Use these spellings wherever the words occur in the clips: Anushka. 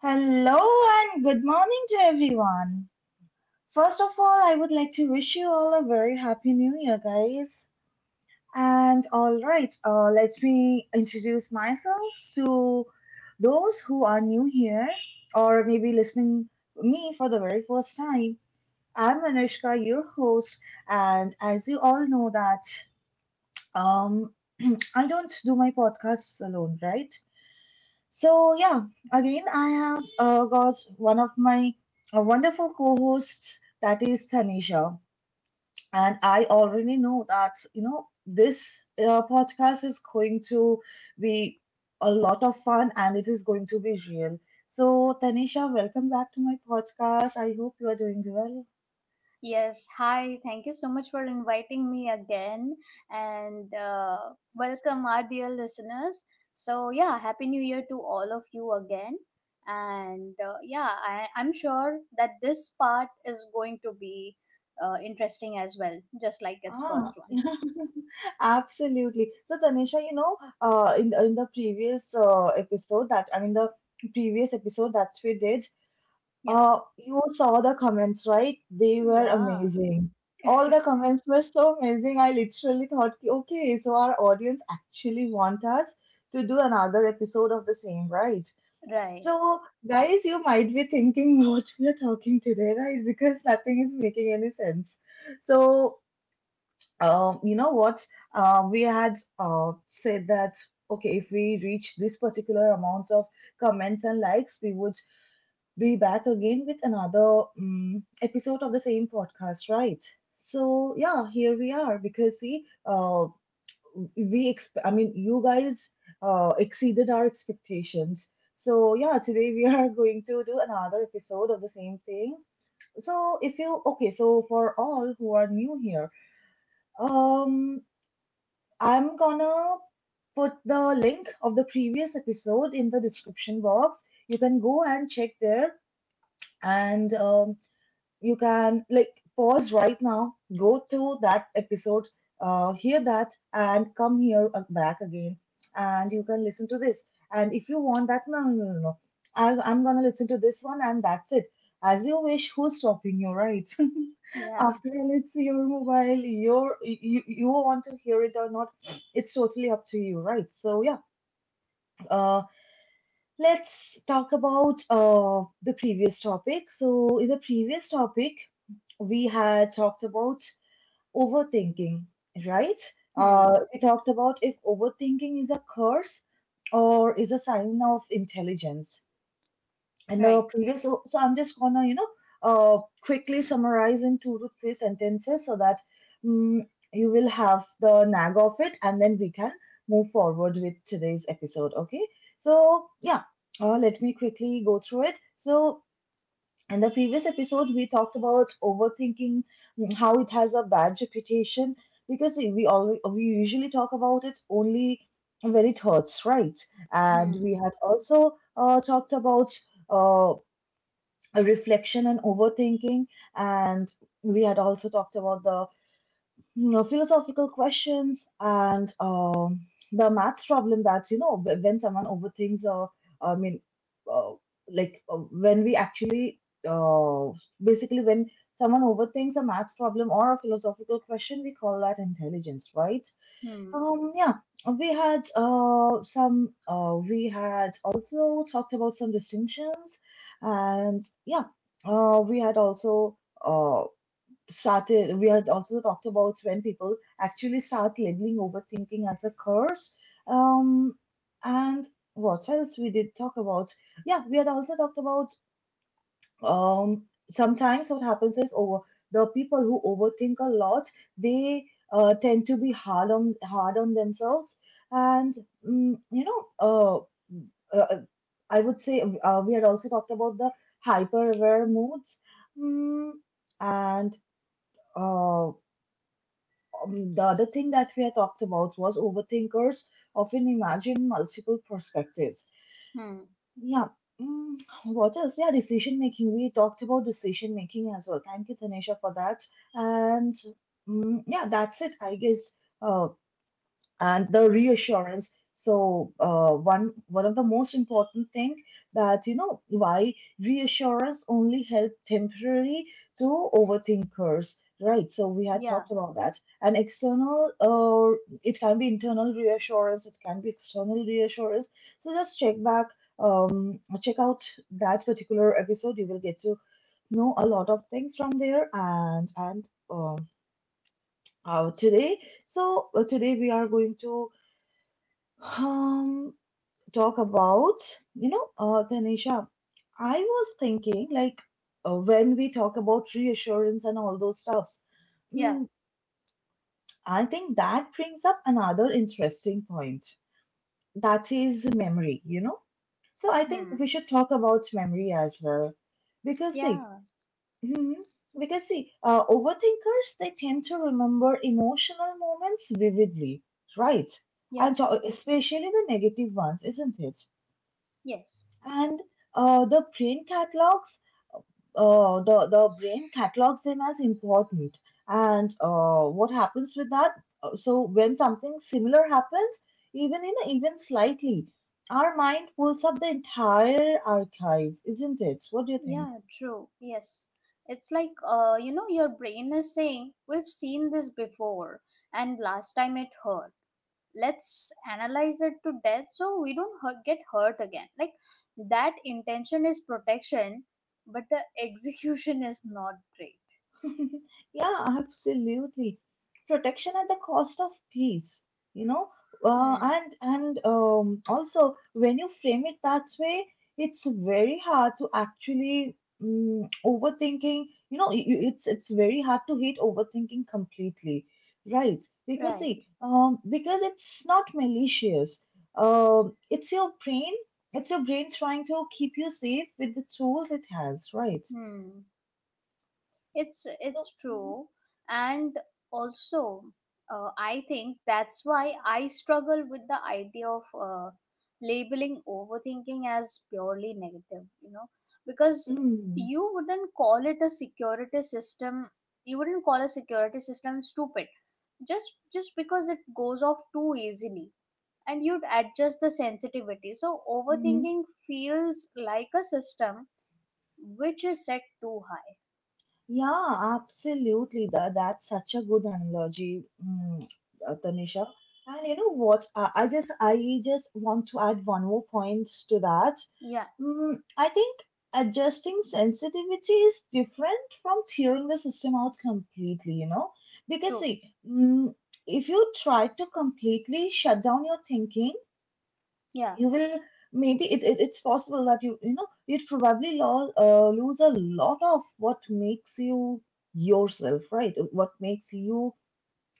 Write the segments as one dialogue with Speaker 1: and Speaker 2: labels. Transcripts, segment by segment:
Speaker 1: Hello and good morning to everyone. First of all, I would like to wish you all a very happy new year, guys. And all right, let me introduce myself to those who are new here or maybe listening me for the very first time. I'm Anushka, your host, and as you all know that um, I don't do my podcasts alone, right? So yeah, again I have got one of my wonderful co-hosts, that is Tanisha, and I already know that this podcast is going to be a lot of fun, and it is going to be real. So Tanisha, welcome back to my podcast. I hope you are doing well.
Speaker 2: Yes, hi. Thank you so much for inviting me again and welcome our dear listeners. So, yeah, Happy New Year to all of you again. And yeah, I'm sure that this part is going to be interesting as well, just like its first
Speaker 1: Ah,
Speaker 2: one.
Speaker 1: absolutely. So Tanisha, you know, in the previous, episode that, I mean, the previous episode that we did.
Speaker 2: Yeah.
Speaker 1: You saw the comments, right? They were
Speaker 2: Yeah.
Speaker 1: amazing. All the comments were so amazing. I literally thought, "Ki, okay, so our audience actually want us to do another episode of the same, right?"
Speaker 2: Right.
Speaker 1: So, guys, you might be thinking what we are talking today, right? Because nothing is making any sense. So, you know what? We had, said that okay, if we reach this particular amount of comments and likes, we would be back again with another, episode of the same podcast, right? So yeah, here we are because, see, I mean, you guys exceeded our expectations. So yeah, today we are going to do another episode of the same thing. So if you okay, so for all who are new here, um, I'm gonna put the link of the previous episode in the description box. You can go and check there, and you can like pause right now, go to that episode, hear that, and come here back again, and you can listen to this. And if you want that, no, no, no, no, I'm gonna listen to this one, and that's it. As you wish. Who's stopping you, right?
Speaker 2: Yeah.
Speaker 1: After all, it's your mobile. You want to hear it or not? It's totally up to you, right? So yeah. Uh, let's talk about the previous topic. So in the previous topic, we had talked about overthinking, right?
Speaker 2: Hmm.
Speaker 1: We talked about if overthinking is a curse or is a sign of intelligence. And the
Speaker 2: Right.
Speaker 1: previous, so, so I'm just gonna, quickly summarize in two to three sentences so that mm you will have the nag of it, and then we can move forward with today's episode. Okay. So yeah, let me quickly go through it. So in the previous episode, we talked about overthinking, how it has a bad reputation because we usually talk about it only when it hurts, right? And we
Speaker 2: Hmm.
Speaker 1: had also talked about uh, reflection and overthinking, and we had also talked about the, philosophical questions, and the maths problem. That's, when someone overthinks, or I mean, uh, like, when we actually, uh, basically, when someone overthinks a maths problem or a philosophical question, we call that intelligence, right?
Speaker 2: Hmm.
Speaker 1: Yeah, we had also talked about some distinctions, and yeah, we had also uh, started we had also talked about when people actually start labeling overthinking as a curse. um and what else we did talk about? Yeah, we had also talked about, um sometimes what happens is, over the people who overthink a lot, they tend to be hard on themselves. And mm, you know uh, uh I would say, we had also talked about the hyper aware moods, mm, and uh, the other thing that we had talked about was overthinkers often imagine multiple perspectives.
Speaker 2: Hmm.
Speaker 1: Yeah. Mm, what else? Yeah, decision making. We talked about decision making as well. Thank you, Tanisha, for that. And yeah, that's it, I guess. Uh, and the reassurance, so one of the most important thing, that why reassurance only help temporarily to overthinkers, right? So we had
Speaker 2: Yeah.
Speaker 1: talked about that, and external it can be internal reassurance, it can be external reassurance. So just check out that particular episode. You will get to know a lot of things from there, and um, today so today we are going to, um, talk about, you know, Tanisha. I was thinking, like, when we talk about reassurance and all those stuffs,
Speaker 2: Yeah.
Speaker 1: mm, I think that brings up another interesting point. That is memory, you know. So I think we
Speaker 2: Hmm.
Speaker 1: should talk about memory as well, because see,
Speaker 2: Yeah.
Speaker 1: mhm, overthinkers, they tend to remember emotional moments vividly, right?
Speaker 2: Yeah.
Speaker 1: And especially the negative ones, isn't it?
Speaker 2: Yes.
Speaker 1: And uh, the brain catalogs the brain catalogs them as important. And what happens with that, so when something similar happens, even in even slightly, our mind pulls up the entire archive, isn't it? What do you think?
Speaker 2: Yeah, true. Yes. It's like, you know, your brain is saying, we've seen this before, and last time it hurt. Let's analyze it to death so we don't get hurt again. Like, that intention is protection, but the execution is not great.
Speaker 1: Yeah, absolutely. Protection at the cost of peace, you know.
Speaker 2: Hmm.
Speaker 1: And also, when you frame it that way, it's very hard to actually overthinking. You know, it's very hard to hate overthinking completely, right? Because
Speaker 2: Right.
Speaker 1: see, because it's not malicious. It's your brain. It's your brain trying to keep you safe with the tools it has, right?
Speaker 2: Hmm. It's
Speaker 1: So. Mhm.
Speaker 2: true, and also I think that's why I struggle with the idea of labeling overthinking as purely negative. You know, because
Speaker 1: mm,
Speaker 2: you wouldn't call it a security system. You wouldn't call a security system stupid just because it goes off too easily, and you'd adjust the sensitivity. So
Speaker 1: hmm
Speaker 2: overthinking feels like a system which is set too high.
Speaker 1: Yeah, absolutely. That's such a good analogy, Tanisha. And you know what? I just want to add one more point to that.
Speaker 2: Yeah,
Speaker 1: Mm, I think adjusting sensitivity is different from tearing the system out completely. You know, because
Speaker 2: true.
Speaker 1: see, mm, if you try to completely shut down your thinking,
Speaker 2: Yeah.
Speaker 1: you will maybe it's possible that you'd probably lose a lot of what makes you yourself, right? What makes you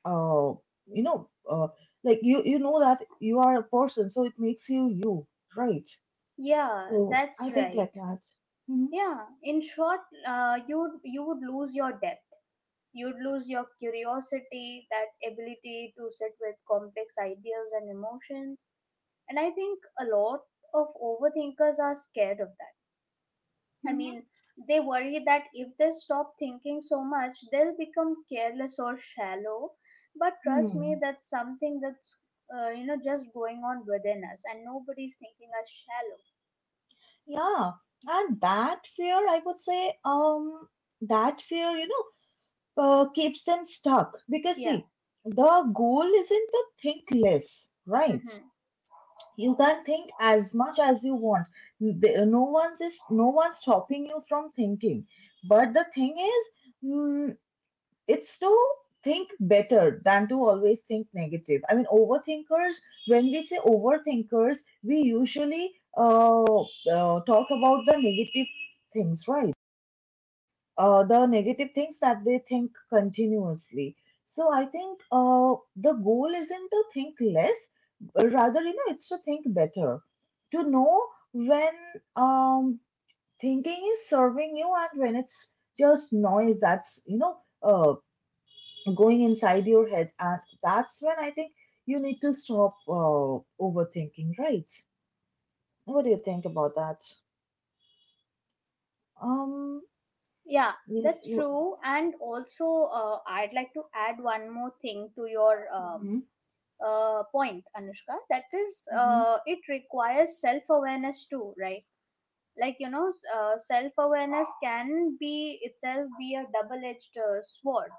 Speaker 1: uh you know like, you know that you are a person, so it makes you you, right?
Speaker 2: Yeah,
Speaker 1: So
Speaker 2: that's
Speaker 1: I think
Speaker 2: right.
Speaker 1: like that. Hmm.
Speaker 2: Yeah, in short, you you would lose your depth. You'd lose your curiosity, that ability to sit with complex ideas and emotions. And I think a lot of overthinkers are scared of that. I
Speaker 1: Hmm.
Speaker 2: mean, they worry that if they stop thinking so much, they'll become careless or shallow. But trust me,
Speaker 1: Hmm.
Speaker 2: that's something that's you know just going on within us, and nobody's thinking us shallow.
Speaker 1: Yeah. And that fear, I would say, that fear you know keeps them stuck. Because
Speaker 2: Yeah.
Speaker 1: see, the goal isn't to think less, right?
Speaker 2: Mm-hmm.
Speaker 1: You can think as much as you want. No one's stopping you from thinking. But the thing is, mm, it's to think better than to always think negative. I mean, overthinkers. When we say overthinkers, we usually, uh, talk about the negative things, right? The negative things that they think continuously. So I think, the goal isn't to think less. Rather, it's to think better, to know when, um, thinking is serving you and when it's just noise that's, going inside your head. And that's when I think you need to stop, overthinking, right? What do you think about that? Um,
Speaker 2: Yeah,
Speaker 1: yes,
Speaker 2: that's true. And also, I'd like to add one more thing to your
Speaker 1: hmm.
Speaker 2: point, Anushka. That is,
Speaker 1: Hmm.
Speaker 2: it requires self awareness too, right? Like, you know, self awareness can be itself be a double edged sword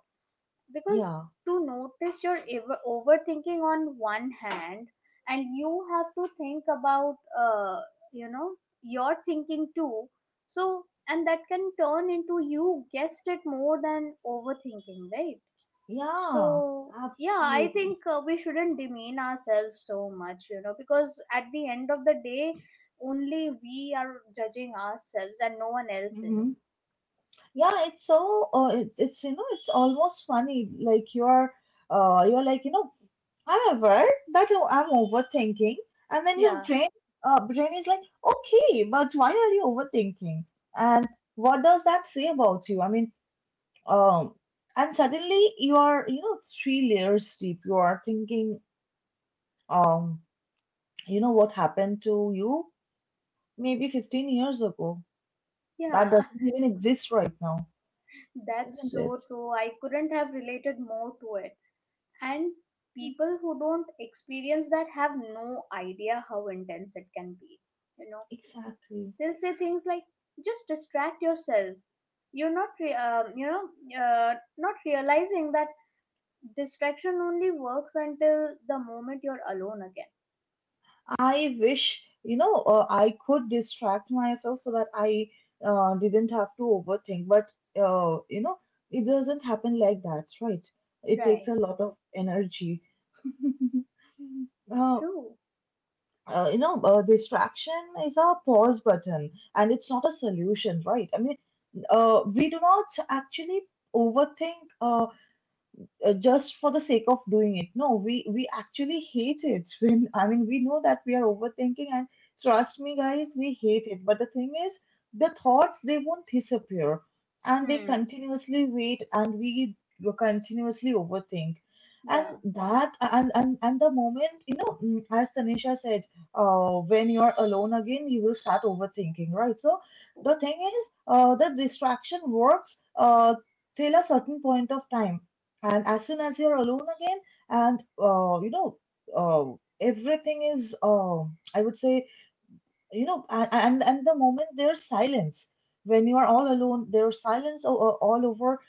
Speaker 2: because
Speaker 1: Yeah.
Speaker 2: to notice your ever overthinking on one hand, and you have to think about you know your thinking too. So and that can turn into, you guessed it, more than overthinking, right?
Speaker 1: Yeah,
Speaker 2: So yeah, I
Speaker 1: absolutely.
Speaker 2: think we shouldn't demean ourselves so much, you know, because at the end of the day only we are judging ourselves and no one else
Speaker 1: Hmm.
Speaker 2: is.
Speaker 1: Yeah, it's so it's almost funny. Like, you're like, I'm aware that I'm overthinking, and then your
Speaker 2: Yeah.
Speaker 1: brain is like, okay, but why are you overthinking? And what does that say about you? I mean, um, and suddenly you are, three layers deep. You are thinking, um you know what happened to you maybe 15 years ago, that
Speaker 2: Yeah.
Speaker 1: doesn't even exist right now.
Speaker 2: That's
Speaker 1: Isn't it?
Speaker 2: so true. I couldn't have related more to it. And
Speaker 1: Hmm.
Speaker 2: people who don't experience that have no idea how intense it can be. You know,
Speaker 1: Exactly.
Speaker 2: they'll say things like, "Just distract yourself." You're not, you know, not realizing that distraction only works until the moment you're alone again.
Speaker 1: I wish, I could distract myself so that I, didn't have to overthink. But, uh, you know, it doesn't happen like that, right? It takes
Speaker 2: Right.
Speaker 1: a lot of energy. uh,
Speaker 2: True.
Speaker 1: Distraction is a pause button, and it's not a solution, right? I mean, we do not actually overthink. Just for the sake of doing it. No, we actually hate it. When, I mean, we know that we are overthinking, and trust me, guys, we hate it. But the thing is, the thoughts, they won't disappear, and they
Speaker 2: Hmm.
Speaker 1: continuously wait, and we continuously overthink. And
Speaker 2: Yeah.
Speaker 1: that and the moment, as Tanisha said, when you're alone again, you will start overthinking, right? So the thing is, the distraction works, till a certain point of time. And as soon as you're alone again, and uh, everything is, I would say, you know a- and the moment there's silence, when you are all alone, there's silence all over,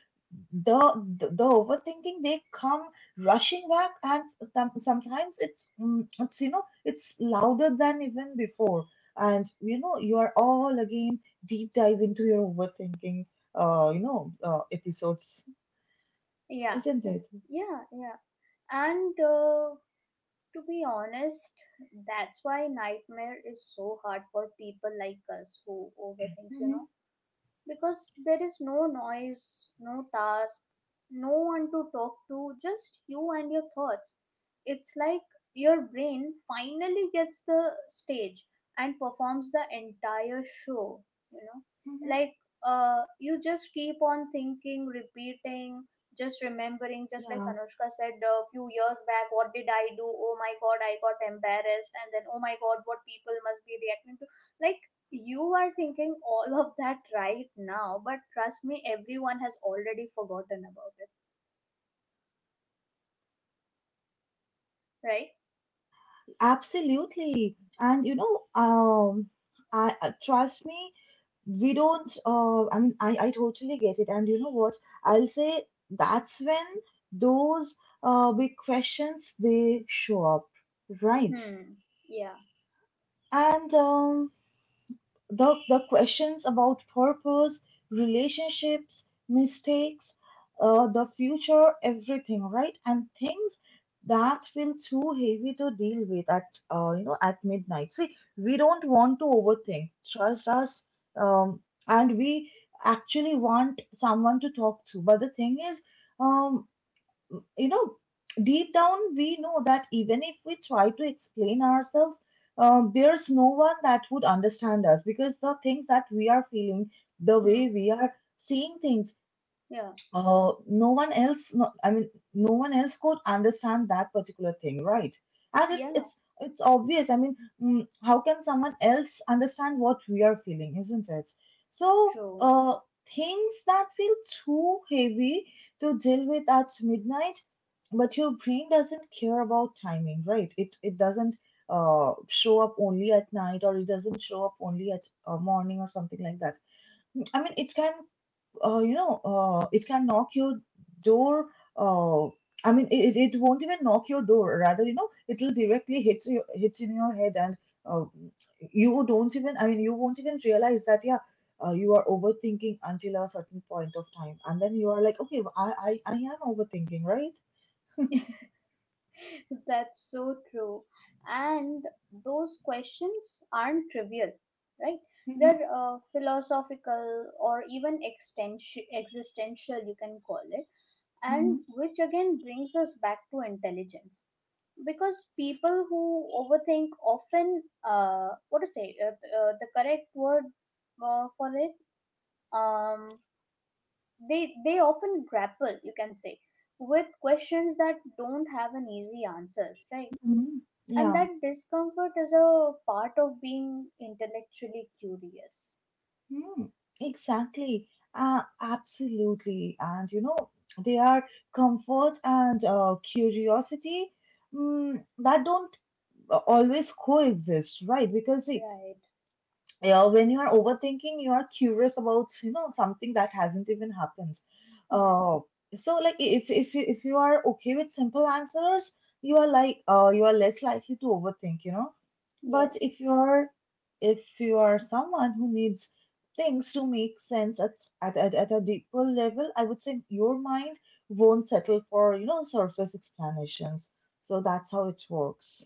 Speaker 1: the, the overthinking, they come rushing back. And sometimes it's, it's louder than even before. And you are all again deep dive into your overthinking, episodes,
Speaker 2: Yeah.
Speaker 1: isn't it?
Speaker 2: Yeah. Yeah. And to be honest, that's why Nightmare is so hard for people like us who overthinks, you
Speaker 1: Mm-hmm.
Speaker 2: know, because there is no noise, no task, no one to talk to, just you and your thoughts. It's like your brain finally gets the stage and performs the entire show, you know.
Speaker 1: Mhm.
Speaker 2: Like you just keep on thinking, repeating, just remembering, just like
Speaker 1: Yeah,
Speaker 2: Anushka said a few years back. What did I do? Oh my god, I got embarrassed, and then oh my god, what people must be reacting to. Like, you are thinking all of that right now, but trust me, everyone has already forgotten about it, right?
Speaker 1: absolutely. I Trust me, we don't. I mean, I totally get it. And you know what? I'll say that's when those big questions they show up, right?
Speaker 2: Hmm. Yeah.
Speaker 1: And The questions about purpose, relationships, mistakes, the future, everything, right? And things that feel too heavy to deal with at at midnight. See, we don't want to overthink. Trust us, um, and we actually want someone to talk to. But the thing is, um, you know, deep down we know that even if we try to explain ourselves, there's no one that would understand us because the things that we are feeling, the
Speaker 2: Hmm.
Speaker 1: way we are seeing things,
Speaker 2: Yeah.
Speaker 1: uh, no one else no, i mean no one else could understand that particular thing, right? And it's
Speaker 2: Yeah.
Speaker 1: it's it's obvious, I mean, how can someone else understand what we are feeling, isn't it? So
Speaker 2: True.
Speaker 1: things that feel too heavy to deal with at midnight, but your brain doesn't care about timing, right? It doesn't show up only at night, or it doesn't show up only at morning or something like that. I mean, it can it can knock your door. Uh, I mean, it won't even knock your door. Rather, you know, it'll directly hit you, hit in your head, and uh, you don't even. I mean, you won't even realize that. Yeah, you are overthinking until a certain point of time, and then you are like, okay, I am overthinking, right?
Speaker 2: That's so true. And those questions aren't trivial, right?
Speaker 1: Mm-hmm.
Speaker 2: They're philosophical or even existential, you can call it.
Speaker 1: Mm-hmm.
Speaker 2: And which again brings us back to intelligence, because people who overthink often, uh, what to say, the correct word for it, um they often grapple, you can say, with questions that don't have an easy answers, right?
Speaker 1: Mhm.
Speaker 2: And
Speaker 1: Yeah.
Speaker 2: that discomfort is a part of being intellectually curious.
Speaker 1: Hmm, exactly. Absolutely. And you know, they are comfort and curiosity that don't always coexist, right? Because see,
Speaker 2: Right.
Speaker 1: yeah, when you are overthinking, you are curious about, you know, something that hasn't even happened.
Speaker 2: Hmm.
Speaker 1: Uh, so like if you are okay with simple answers, you are like you are less likely to overthink, you know. But if
Speaker 2: Yes.
Speaker 1: you're, if you are someone who needs things to make sense at, at a deeper level, I would say your mind won't settle for, you know, surface explanations. So that's how it works,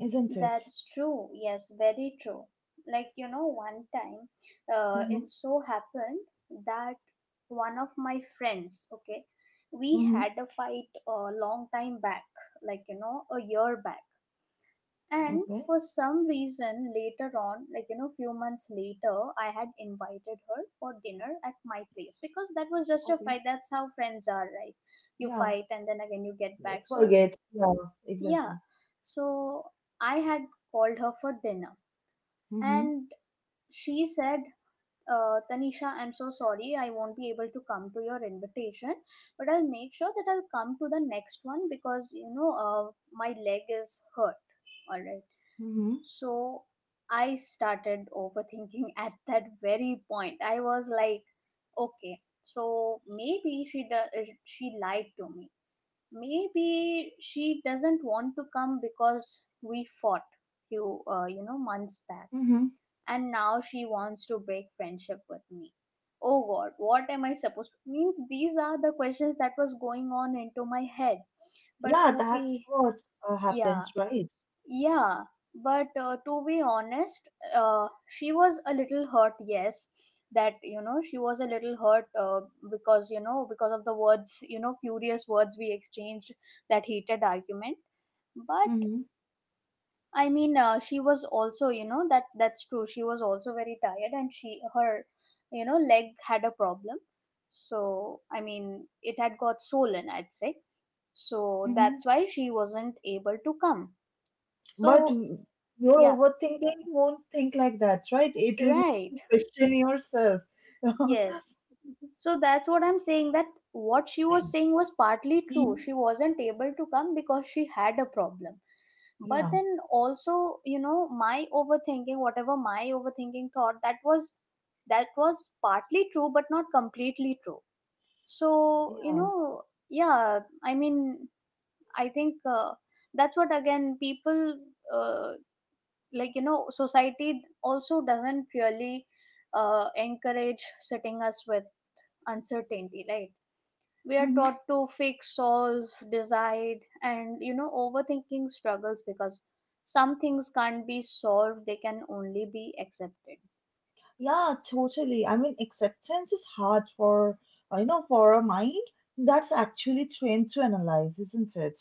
Speaker 1: isn't it?
Speaker 2: That's true. Yes, very true. Like, you know, one time
Speaker 1: Mm-hmm.
Speaker 2: it so happened that one of my friends, okay, we
Speaker 1: Mm-hmm.
Speaker 2: had a fight a long time back, like, you know, a year back. And
Speaker 1: Okay.
Speaker 2: for some reason, later on, like, you know, few months later, I had invited her for dinner at my place because that was just a
Speaker 1: Okay.
Speaker 2: fight. That's how friends are, right? You
Speaker 1: Yeah.
Speaker 2: fight and then again you get
Speaker 1: They
Speaker 2: back. So,
Speaker 1: forget. Yeah,
Speaker 2: yeah.
Speaker 1: exactly.
Speaker 2: So, I had called her for dinner,
Speaker 1: Mm-hmm.
Speaker 2: and she said, Tanisha, I'm so sorry. I won't be able to come to your invitation, but I'll make sure that I'll come to the next one because, you know, my leg is hurt. All right.
Speaker 1: Mm-hmm.
Speaker 2: So I started overthinking at that very point. I was like, okay, so maybe she lied to me. Maybe she doesn't want to come because we fought few, you know, months back,
Speaker 1: Mm-hmm.
Speaker 2: and now she wants to break friendship with me. Oh god, what am I supposed to? Means these are the questions that was going on into my head, but
Speaker 1: Yeah,
Speaker 2: to
Speaker 1: that's
Speaker 2: be,
Speaker 1: what
Speaker 2: yeah,
Speaker 1: happens, right?
Speaker 2: yeah, but to be honest, she was a little hurt, yes, that you know she was a little hurt, because you know because of the words, you know, furious words we exchanged, that heated argument, but.
Speaker 1: Mm-hmm.
Speaker 2: I mean, she was also, you know, that that's true. She was also very tired, and she her, you know, leg had a problem. So I mean, it had got swollen, I'd say. So that's why she wasn't able to come.
Speaker 1: But
Speaker 2: So
Speaker 1: your
Speaker 2: yeah,
Speaker 1: overthinking won't think like that, right? It'll make
Speaker 2: right.
Speaker 1: you question yourself.
Speaker 2: Yes. So that's what I'm saying, that what she was saying was partly true.
Speaker 1: Mm.
Speaker 2: She wasn't able to come because she had a problem. But
Speaker 1: Yeah,
Speaker 2: then also, you know, my overthinking, whatever my overthinking thought, that was partly true but not completely true. So, you
Speaker 1: yeah.
Speaker 2: know, yeah, I mean, I think that's what again people uh, like you know, society also doesn't really encourage sitting us with uncertainty, right? We are
Speaker 1: Hmm.
Speaker 2: taught to fix, solve, decide, and you know overthinking struggles because some things can't be solved, they can only be accepted,
Speaker 1: Yeah, totally. I mean, acceptance is hard for, for a mind that's actually trained to analyze, isn't it?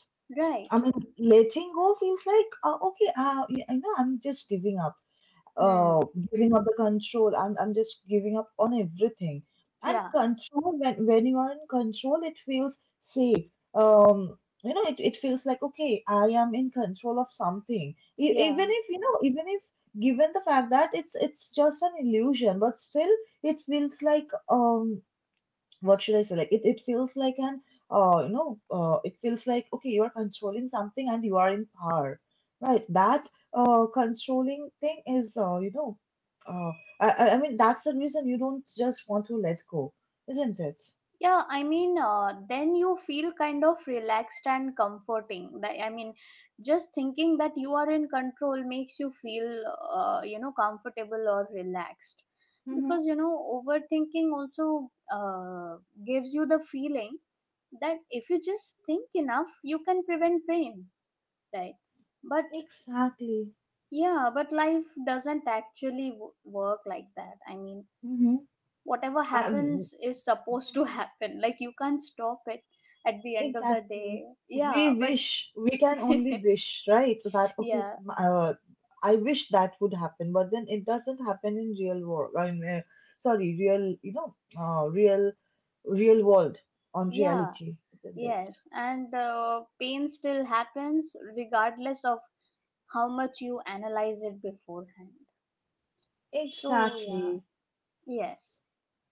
Speaker 1: I
Speaker 2: right?
Speaker 1: mean, letting go feels like, okay, you know, I'm just giving up. uh,
Speaker 2: Hmm.
Speaker 1: Giving up the control. I'm just giving up on everything. And
Speaker 2: Yeah.
Speaker 1: control, when you are in control, it feels safe. Um, you know, it feels like, okay, I am in control of something. E- even
Speaker 2: Yeah.
Speaker 1: if, you know, even if given the fact that it's just an illusion, but still it feels like what should I say? Like it feels like an it feels like okay you are controlling something and you are in power, right? That controlling thing is uh I mean that's the reason you don't just want to let go, isn't it?
Speaker 2: Yeah, I mean, then you feel kind of relaxed and comforting. That, I mean, just thinking that you are in control makes you feel you know comfortable or relaxed,
Speaker 1: Mm-hmm.
Speaker 2: because you know overthinking also gives you the feeling that if you just think enough you can prevent pain, right? But
Speaker 1: Exactly.
Speaker 2: yeah, but life doesn't actually work like that. I mean,
Speaker 1: Mm-hmm.
Speaker 2: whatever
Speaker 1: I,
Speaker 2: happens is supposed to happen, like you can't stop it at the end of the
Speaker 1: exactly.
Speaker 2: day. Yeah,
Speaker 1: We
Speaker 2: but
Speaker 1: wish, we can only wish, right? So that, okay,
Speaker 2: yeah
Speaker 1: I wish that would happen, but then it doesn't happen in real world. I mean, sorry, real world on
Speaker 2: yeah,
Speaker 1: reality, isn't it?
Speaker 2: yes, and pain still happens regardless of how much you analyze it beforehand. So yeah,
Speaker 1: Exactly.
Speaker 2: yes.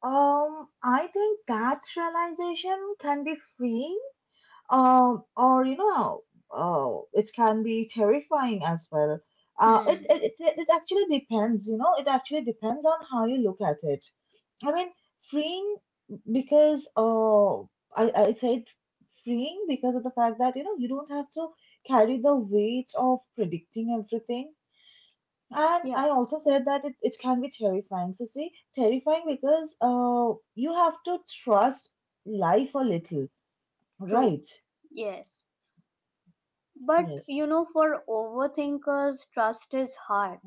Speaker 1: I think that realization can be freeing, or you know, oh, it can be terrifying as well.
Speaker 2: Hmm.
Speaker 1: It it actually depends, you know, it actually depends on how you look at it. I mean, freeing, because I said freeing because of the fact that you know you don't have to carry the weight of predicting everything. And
Speaker 2: Yeah.
Speaker 1: I also said that it can be terrifying, so see, terrifying because you have to trust life a little,
Speaker 2: True.
Speaker 1: right?
Speaker 2: Yes. But
Speaker 1: Yes.
Speaker 2: you know, for overthinkers, trust is hard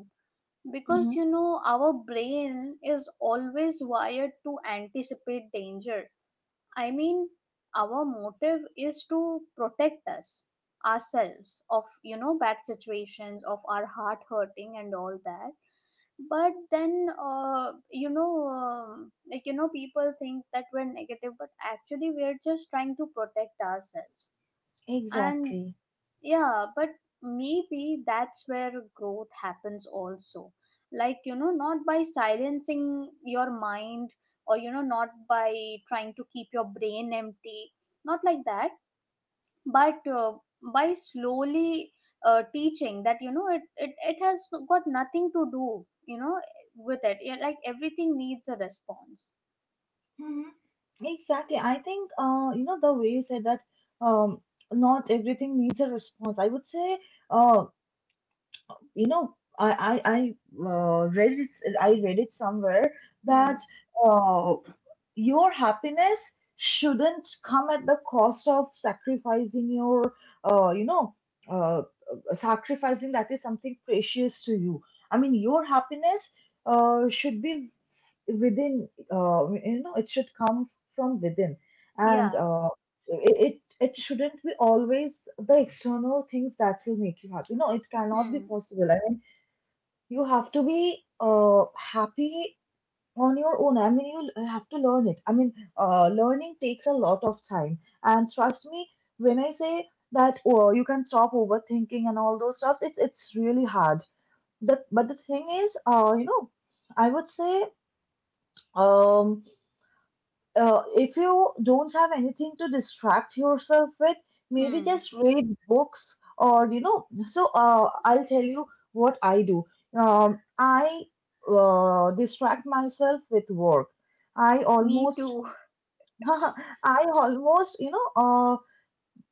Speaker 2: because
Speaker 1: Mhm.
Speaker 2: you know our brain is always wired to anticipate danger. I mean, our motive is to protect us ourselves of you know bad situations, of our heart hurting and all that, but then you know like you know people think that we're negative, but actually we're just trying to protect ourselves. And
Speaker 1: Exactly.
Speaker 2: yeah, but maybe that's where growth happens also. Like, you know, not by silencing your mind, or, you know, not by trying to keep your brain empty, not like that, but by slowly teaching that, you know, it has got nothing to do, you know, with it. Yeah, like, everything needs a response.
Speaker 1: Mhm. Exactly. I think you know, the way you said that, um, not everything needs a response. I would say uh, you know I read it I read it somewhere
Speaker 2: Hmm.
Speaker 1: that uh, your happiness shouldn't come at the cost of sacrificing your uh, you know uh, sacrificing that is something precious to you. I mean, your happiness should be within, you know, it should come from within. And
Speaker 2: Yeah.
Speaker 1: it shouldn't be always the external things that will make you happy. No, it cannot be
Speaker 2: Hmm.
Speaker 1: possible. I mean, you have to be happy on your own. I mean, you have to learn it. I mean, learning takes a lot of time, and trust me when I say that, oh, you can stop overthinking and all those stuffs, it's really hard, that. But the thing is, I would say, um if you don't have anything to distract yourself with, maybe
Speaker 2: Hmm.
Speaker 1: just read books or you know. So I'll tell you what I do. I distract myself with work. I
Speaker 2: Me
Speaker 1: almost,
Speaker 2: too.
Speaker 1: I almost, you know,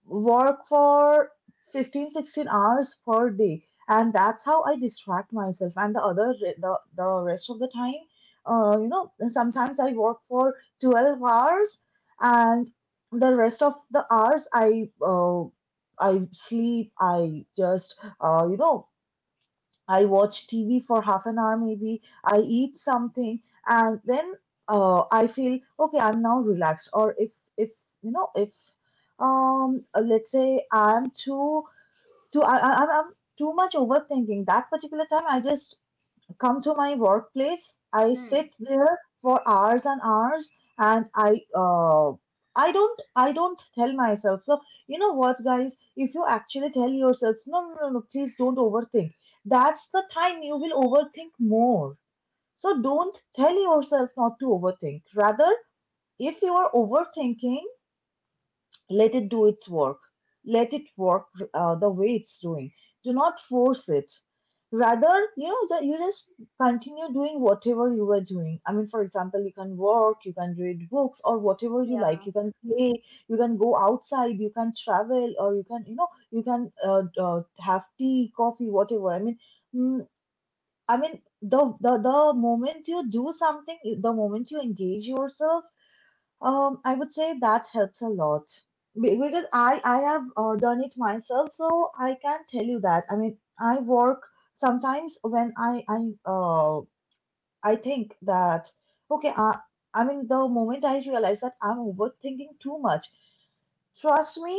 Speaker 1: work for 15, 16 hours per day, and that's how I distract myself. And the other, the rest of the time, sometimes I work for 12 hours and the rest of the hours I I sleep. I just I watch TV for half an hour, maybe I eat something, and then I feel okay. I'm now relaxed. Or if, you know, if, let's say I'm too too I I'm too much overthinking that particular time. I just come to my workplace. I
Speaker 2: Hmm.
Speaker 1: sit there for hours and hours, and I I don't tell myself. So you know what, guys? If you actually tell yourself, no, no, no, no, please don't overthink. That's the time you will overthink more. So don't tell yourself not to overthink. Rather, if you are overthinking, let it do its work. Let it work the way it's doing. Do not force it. Rather, you know, that you just continue doing whatever you were doing. I mean, for example, you can work, you can read books, or whatever you
Speaker 2: Yeah.
Speaker 1: like. You can play, you can go outside, you can travel, or you can, you know, you can have tea, coffee, whatever. I mean, mm, I mean, the moment you do something, the moment you engage yourself, I would say that helps a lot. Because I have done it myself, so I can tell you that. I mean, I work sometimes when uh I think that, okay, I mean the moment I realize that I'm overthinking too much. Trust me,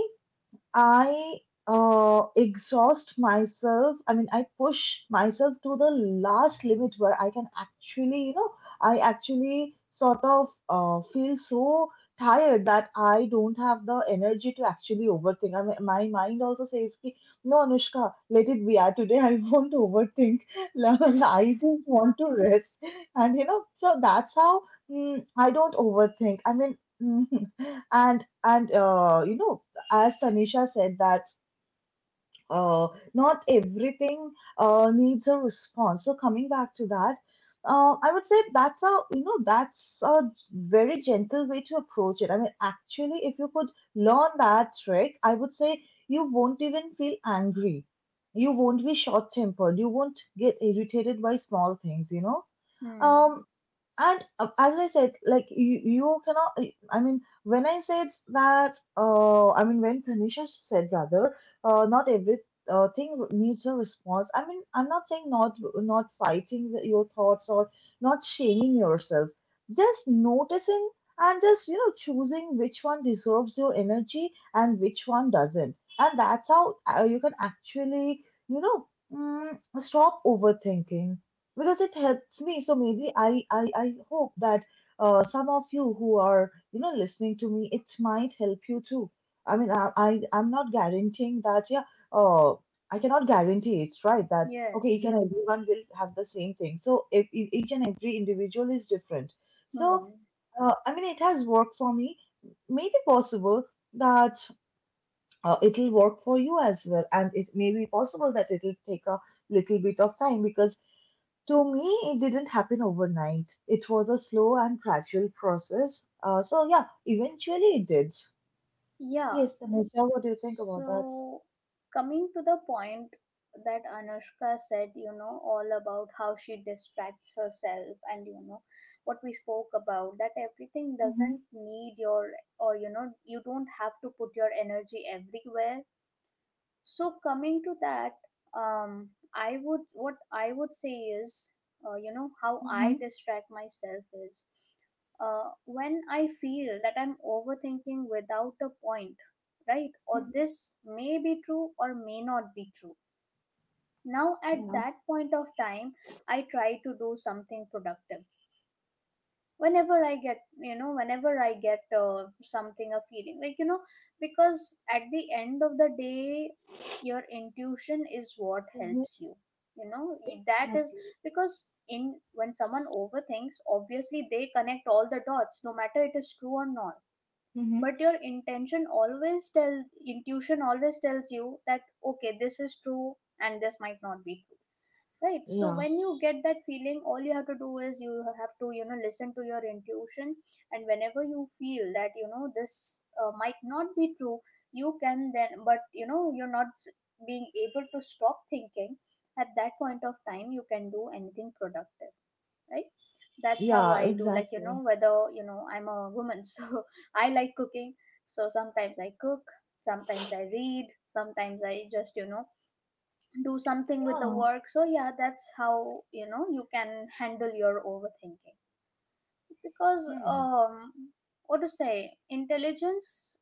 Speaker 1: I exhaust myself. I mean, I push myself to the last limit where I can actually, you know, I actually sort of feel so tired that I don't have the energy to actually overthink. I mean, my mind also says, "Ki, no, Anushka, let it be. Ah, today I won't overthink. I just want to rest." And, you know, so that's how, I don't overthink. I mean, and as Tanisha said, that not everything needs a response. So coming back to that, I would say that's a, that's a very gentle way to approach it. I mean, actually, if you could learn that trick, I would say you won't even feel angry. You won't be short tempered. You won't get irritated by small things, you know.
Speaker 2: Hmm.
Speaker 1: Um, and as I said, like you cannot, I mean when I said that I mean when Tanisha said, rather, not every thing needs a response. I mean, I'm not saying not fighting your thoughts or not shaming yourself, just noticing, and just, you know, choosing which one deserves your energy and which one doesn't. And that's how you can actually, you know, stop overthinking, because it helps me. So maybe I hope that some of you who are, you know, listening to me, it might help you too. I mean, I'm not guaranteeing that. Yeah, uh, I cannot guarantee, it's right, that
Speaker 2: Yeah.
Speaker 1: okay, each and everyone will have the same thing. So, if each and every individual is different. So
Speaker 2: Hmm.
Speaker 1: I mean, it has worked for me. Maybe possible that it'll work for you as well, and it may be possible that it'll take a little bit of time, because to me, it didn't happen overnight. It was a slow and gradual process. So yeah, eventually it did.
Speaker 2: Yeah,
Speaker 1: Yes, Tanisha, what do you think about that?
Speaker 2: so coming to the point that Anushka said, you know, all about how she distracts herself and, you know, what we spoke about, that everything
Speaker 1: Mm-hmm.
Speaker 2: doesn't need your, or, you know, you don't have to put your energy everywhere. So coming to that, I would, what I would say is, you know, how I
Speaker 1: Mm-hmm.
Speaker 2: distract myself is when I feel that I'm overthinking without a point, right? Or
Speaker 1: Hmm.
Speaker 2: this may be true or may not be true. Now, at
Speaker 1: Yeah.
Speaker 2: that point of time, I try to do something productive. Whenever I get, you know, whenever I get something, a feeling like, you know, because at the end of the day, your intuition is what
Speaker 1: Hmm.
Speaker 2: helps you. You know, that is
Speaker 1: Exactly.
Speaker 2: because in when someone overthinks, obviously they connect all the dots, no matter it is true or not,
Speaker 1: Mm-hmm.
Speaker 2: but your intention always tells, intuition always tells you that okay, this is true and this might not be true, right? So
Speaker 1: Yeah.
Speaker 2: when you get that feeling, all you have to do is you know, listen to your intuition. And whenever you feel that you know this might not be true, you can then, but you know, you're not being able to stop thinking. At that point of time you can do anything productive, right? That's how
Speaker 1: Yeah,
Speaker 2: I do. Like, you know,
Speaker 1: exactly.
Speaker 2: whether you know, I'm a woman so I like cooking. So sometimes I cook, sometimes I read, sometimes I just, you know, do something with the
Speaker 1: Yeah.
Speaker 2: work. So yeah, that's how you know you can handle your overthinking. Because
Speaker 1: Hmm.
Speaker 2: what to say, intelligence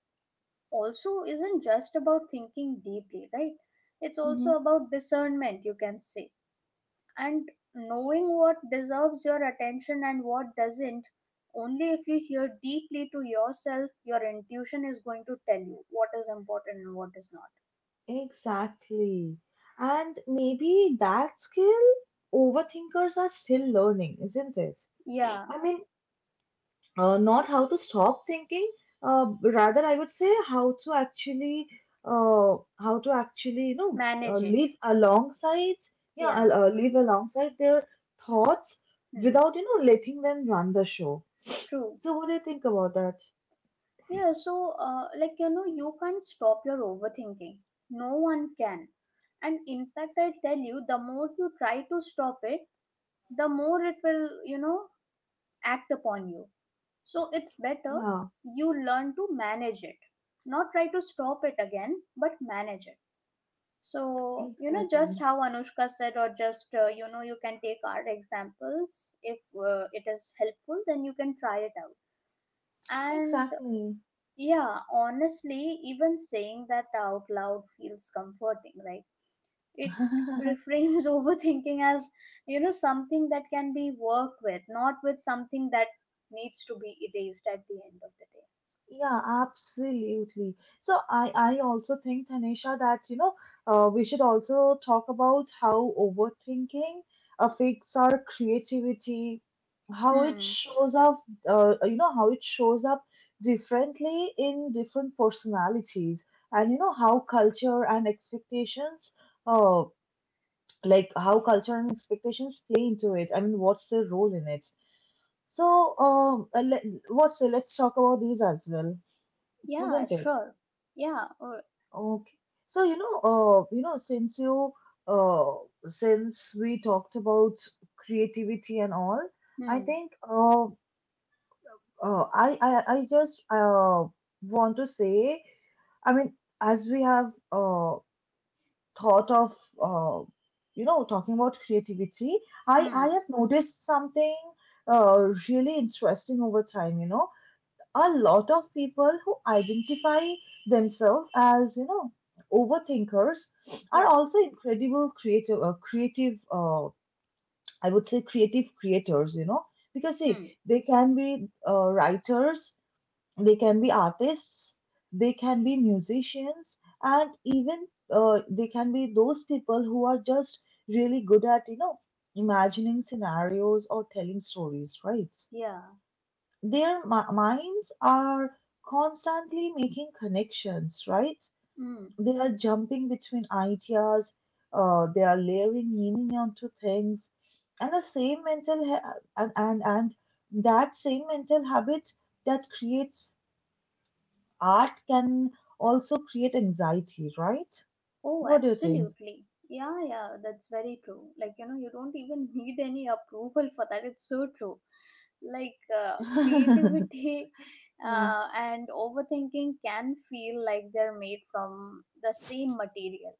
Speaker 2: also isn't just about thinking deeply, right? It's
Speaker 1: Mm-hmm.
Speaker 2: also about discernment, you can say. And knowing what deserves your attention and what doesn't. Only if you hear deeply to yourself, your intuition is going to tell you what is important and what is not.
Speaker 1: Exactly. And maybe that skill overthinkers are still learning, isn't it?
Speaker 2: Yeah,
Speaker 1: I mean, not how to stop thinking, uh, rather I would say how to actually, uh, how to actually you know
Speaker 2: manage it.
Speaker 1: live alongside. Yeah.
Speaker 2: Yeah.
Speaker 1: Live alongside their thoughts
Speaker 2: Hmm.
Speaker 1: without letting them run the show.
Speaker 2: True.
Speaker 1: So what do you think about that?
Speaker 2: Yeah, so like you know, you can't stop your overthinking, no one can. And in fact, I tell you, the more you try to stop it, the more it will, you know, act upon you. So it's better
Speaker 1: Yeah,
Speaker 2: you learn to manage it, not try to stop it again, but manage it. So, you know,
Speaker 1: exactly,
Speaker 2: just how Anushka said, or just, you know, you can take our examples. If it is helpful, then you can try it out. And
Speaker 1: exactly.
Speaker 2: yeah, honestly, even saying that out loud feels comforting, right? It reframes overthinking as, you know, something that can be worked with, not with something that needs to be erased at the end of the
Speaker 1: Yeah, absolutely. So I also think, Tanisha, that we should also talk about how overthinking affects our creativity,
Speaker 2: day.
Speaker 1: how it
Speaker 2: Hmm.
Speaker 1: shows up, how it shows up differently in different personalities, and you know how culture and expectations, uh, how culture and expectations play into it. I mean, what's their role in it? So, let's talk about these as well,
Speaker 2: Yeah,
Speaker 1: isn't it?
Speaker 2: sure. Yeah.
Speaker 1: Okay. So, uh, since we talked about creativity and all, I
Speaker 2: Hmm.
Speaker 1: think, I just, want to say, I mean, as we have, uh, thought of, uh, talking about creativity, I
Speaker 2: Hmm.
Speaker 1: have noticed something, really interesting over time, a lot of people who identify themselves as overthinkers are
Speaker 2: Yeah.
Speaker 1: also incredible creative creative uh, I would say creative creators, because see,
Speaker 2: Hmm.
Speaker 1: they can be, writers, they can be artists, they can be musicians, and even, they can be those people who are just really good at imagining scenarios or telling stories, right?
Speaker 2: Yeah.
Speaker 1: Their minds are constantly making connections, right?
Speaker 2: Hmm.
Speaker 1: They are jumping between ideas, they are layering meaning onto things, and the same mental ha- and that same mental habit that creates art can also create anxiety, right?
Speaker 2: Oh,
Speaker 1: What do you think?
Speaker 2: absolutely. Yeah, yeah, that's very true. Like, you know, you don't even need any approval for that. It's so true. Like, creativity
Speaker 1: Yeah.
Speaker 2: and overthinking can feel like they're made from the same material.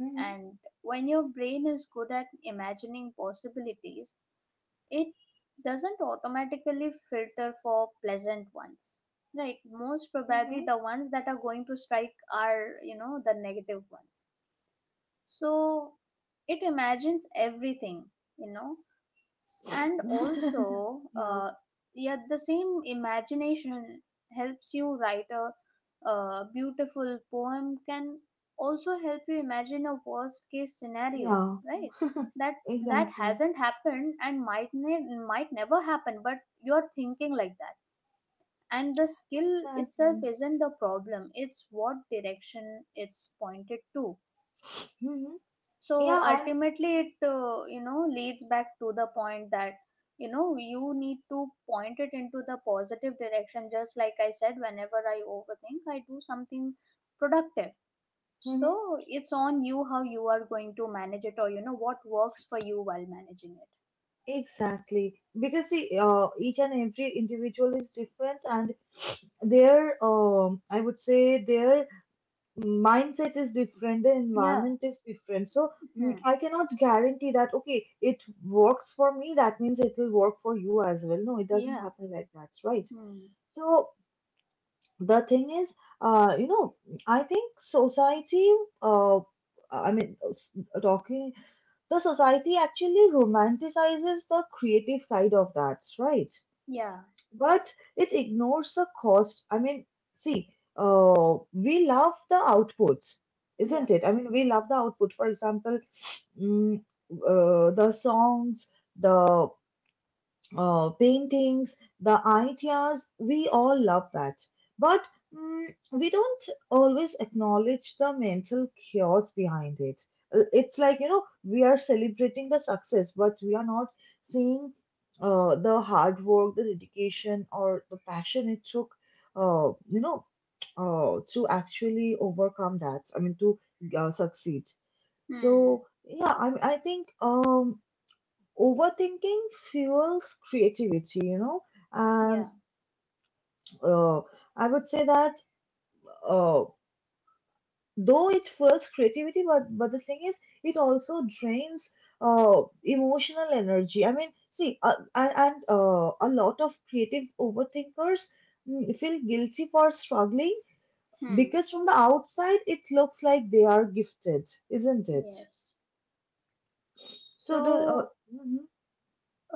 Speaker 1: Mm-hmm.
Speaker 2: And when your brain is good at imagining possibilities, it doesn't automatically filter for pleasant ones. Right, most probably
Speaker 1: Mm-hmm.
Speaker 2: the ones that are going to strike are, you know, the negative ones. So it imagines everything, you know. And also
Speaker 1: Yeah,
Speaker 2: yet the same imagination helps you write a beautiful poem, can also help you imagine a worst case scenario,
Speaker 1: yeah,
Speaker 2: right? That, that
Speaker 1: exactly.
Speaker 2: hasn't happened and might might never happen, but you're thinking like that. And the skill itself
Speaker 1: Exactly.
Speaker 2: isn't the problem, it's what direction it's pointed to.
Speaker 1: Hmm.
Speaker 2: So
Speaker 1: Yeah, and
Speaker 2: ultimately it you know, leads back to the point that, you know, you need to point it into the positive direction. Just like I said, whenever I overthink, I do something productive.
Speaker 1: mhm.
Speaker 2: So it's on you how you are going to manage it, or you know, what works for you while managing it.
Speaker 1: Exactly, because see, each and every individual is different, and their I would say their mindset is different, their
Speaker 2: Yeah.
Speaker 1: environment is different. So,
Speaker 2: Hmm.
Speaker 1: I cannot guarantee that okay, it works for me. That means it will work for you as well. No, it doesn't
Speaker 2: Yeah.
Speaker 1: happen like that, right?
Speaker 2: Hmm.
Speaker 1: So the thing is, uh, you know, I think society, uh, I mean, s- talking the society actually romanticizes the creative side of that, right?
Speaker 2: Yeah.
Speaker 1: But it ignores the cost. I mean, see, we love the output,
Speaker 2: Yeah.
Speaker 1: isn't it? I mean, we love the output. For example, mm, the songs, the, paintings, the ideas, we all love that. But, mm, we don't always acknowledge the mental chaos behind it. It's like, you know, we are celebrating the success, but we are not seeing, the hard work, the dedication, or the passion it took, uh, you know, to actually overcome that. I mean, to, succeed.
Speaker 2: Hmm.
Speaker 1: So, yeah, I think. Overthinking fuels creativity, you know,
Speaker 2: Yeah.
Speaker 1: and, uh, I would say that, uh, though it fuels creativity, but the thing is, it also drains, emotional energy. I mean, see, and a lot of creative overthinkers, feel guilty for struggling
Speaker 2: Hmm.
Speaker 1: because from the outside it looks like they are gifted, isn't it?
Speaker 2: Yes.
Speaker 1: So the,
Speaker 2: So
Speaker 1: mhm,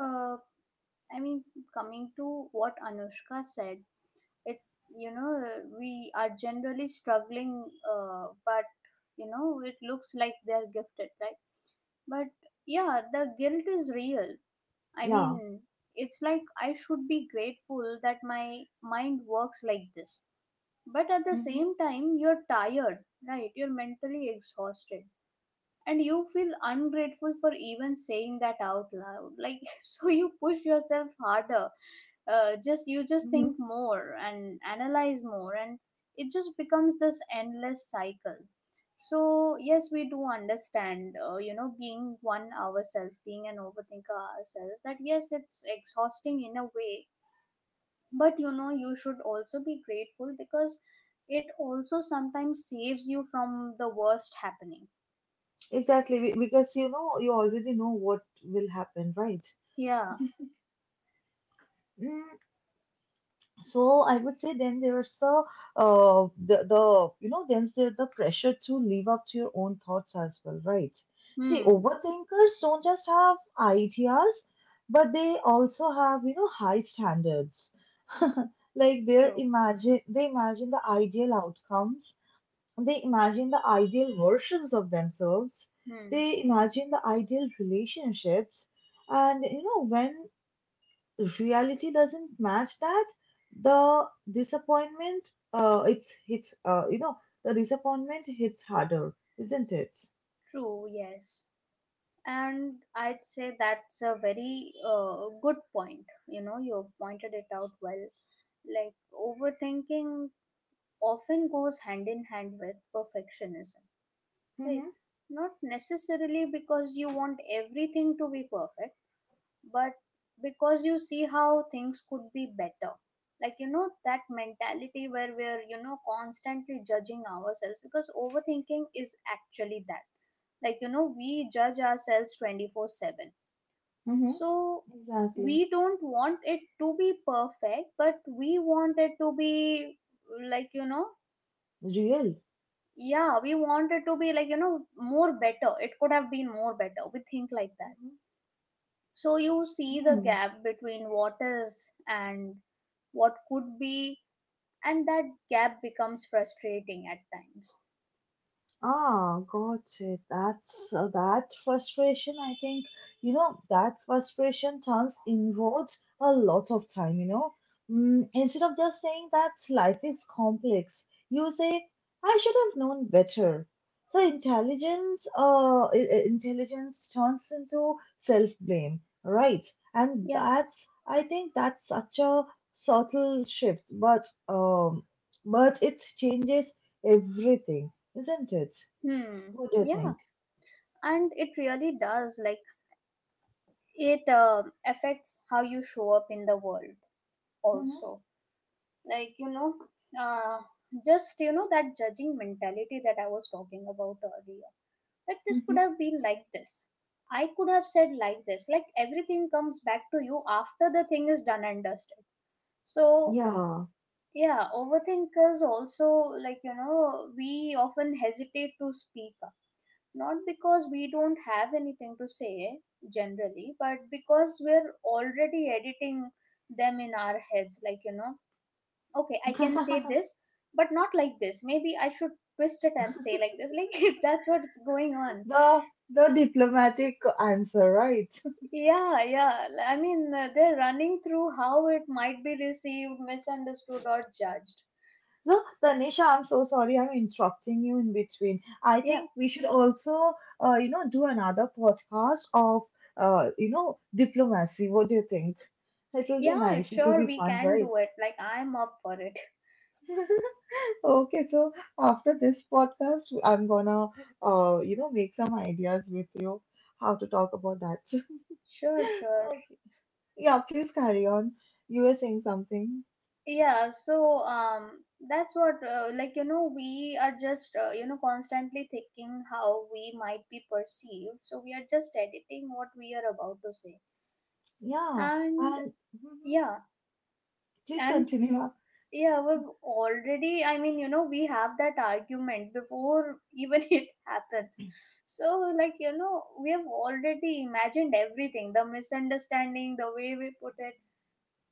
Speaker 2: uh, I mean, coming to what Anushka said, it, you know, we are generally struggling, but you know, it looks like they're gifted, right? But yeah, the guilt is real. I mean,
Speaker 1: yeah.
Speaker 2: it's like I should be grateful that my mind works like this, but at the
Speaker 1: Mhm.
Speaker 2: same time you're tired, right? You're mentally exhausted, and you feel ungrateful for even saying that out loud, like so you push yourself harder. Just you just think more and analyze more, and it just becomes this endless cycle. So yes, we do understand, you know, being one ourselves, being an overthinker ourselves, that yes, it's exhausting in a way. But you know, you should also be grateful, because it also sometimes saves you from the worst happening.
Speaker 1: Exactly, because you know, you already know what will happen, right?
Speaker 2: Yeah.
Speaker 1: Mm, so I would say, then there's the pressure to live up to your own thoughts as well, right? See,
Speaker 2: Hmm.
Speaker 1: overthinkers don't just have ideas, but they also have, you know, high standards. Like
Speaker 2: True.
Speaker 1: they imagine the ideal outcomes. They imagine the ideal versions of themselves.
Speaker 2: Hmm.
Speaker 1: They imagine the ideal relationships. And you know, when reality doesn't match that, the disappointment uh, it's hits uh, you know, the disappointment hits harder, isn't it?
Speaker 2: True, yes. And I'd say that's a very good point. You know, you pointed it out well. Like, overthinking often goes hand in hand with perfectionism, right?
Speaker 1: Mm-hmm.
Speaker 2: Not necessarily because you want everything to be perfect, but because you see how things could be better. Like, you know, that mentality where we're, you know, constantly judging ourselves, because overthinking is actually that. Like you know, we judge ourselves 24/7.
Speaker 1: Mm-hmm.
Speaker 2: So
Speaker 1: Exactly.
Speaker 2: we don't want it to be perfect, but we want it to be, like, you know,
Speaker 1: Real.
Speaker 2: yeah, we want it to be like, you know, more better, it could have been more better, we think like that.
Speaker 1: Mm-hmm.
Speaker 2: So you see the
Speaker 1: Hmm.
Speaker 2: gap between what is and what could be, and that gap becomes frustrating at times.
Speaker 1: Ah, got it. That's, that frustration. I think you know that frustration turns inwards a lot of time. You know, instead of just saying that life is complex, you say, "I should have known better." So intelligence, intelligence turns into self-blame, right? And
Speaker 2: Yeah.
Speaker 1: that's I think that's such a subtle shift, but, but it changes everything, isn't it?
Speaker 2: Hmm.
Speaker 1: What do you
Speaker 2: Yeah.
Speaker 1: think?
Speaker 2: And it really does. Like, it affects how you show up in the world,
Speaker 1: Hmm.
Speaker 2: also. Like, you know, uh, just, you know, that judging mentality that I was talking about earlier. That this
Speaker 1: Hmm.
Speaker 2: could have been like this. I could have said like this. Like, everything comes back to you after the thing is done and dusted. So,
Speaker 1: Yeah.
Speaker 2: yeah, overthinkers also, like, you know, we often hesitate to speak up. Not because we don't have anything to say generally, but because we're already editing them in our heads. Like, you know, okay, I can say this, but not like this. Maybe I should twist it and say like this. Like, that's what's going on.
Speaker 1: the the diplomatic answer, right?
Speaker 2: Yeah, yeah. I mean, they're running through how it might be received, misunderstood, or judged.
Speaker 1: So, Tanisha, I'm so sorry I'm interrupting you in between. I
Speaker 2: Yeah.
Speaker 1: think we should also, you know, do another podcast of, you know, diplomacy. What do you think? It will be
Speaker 2: Yeah,
Speaker 1: nice. It will
Speaker 2: sure,
Speaker 1: be
Speaker 2: we
Speaker 1: fun,
Speaker 2: can do
Speaker 1: right?
Speaker 2: it. Like, I'm up for it.
Speaker 1: Okay, so after this podcast, I'm gonna, you know, make some ideas with you how to talk about that.
Speaker 2: Sure, sure.
Speaker 1: Okay. Yeah, please carry on. You were saying something.
Speaker 2: Yeah, so that's what, like, you know, we are just, you know, constantly thinking how we might be perceived. So we are just editing what we are about to say.
Speaker 1: Yeah,
Speaker 2: And
Speaker 1: and mhm.
Speaker 2: yeah,
Speaker 1: Please
Speaker 2: and
Speaker 1: continue on.
Speaker 2: yeah, we've already, I mean, you know, we have that argument before even it happens. So, like, you know, we have already imagined everything, the misunderstanding, the way we put it.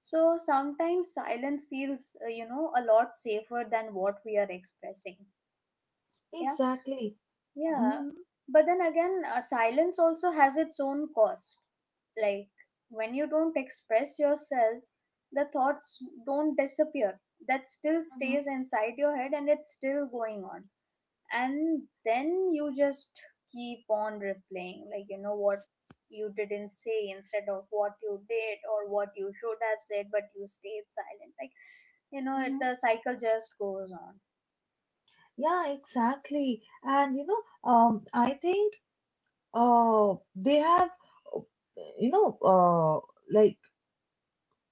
Speaker 2: So sometimes silence feels, you know, a lot safer than what we are expressing. Yeah,
Speaker 1: Exactly.
Speaker 2: yeah.
Speaker 1: Hmm.
Speaker 2: But then again, silence also has its own cost. Like when you don't express yourself, the thoughts don't disappear. That still
Speaker 1: Hmm.
Speaker 2: stays inside your head and it's still going on. And then you just keep on replaying, like, you know, what you didn't say instead of what you did or what you should have said, but you stayed silent. Like, you know, it,
Speaker 1: Hmm.
Speaker 2: the cycle just goes on.
Speaker 1: Yeah, exactly. And you know, I think, they have, uh, you know, like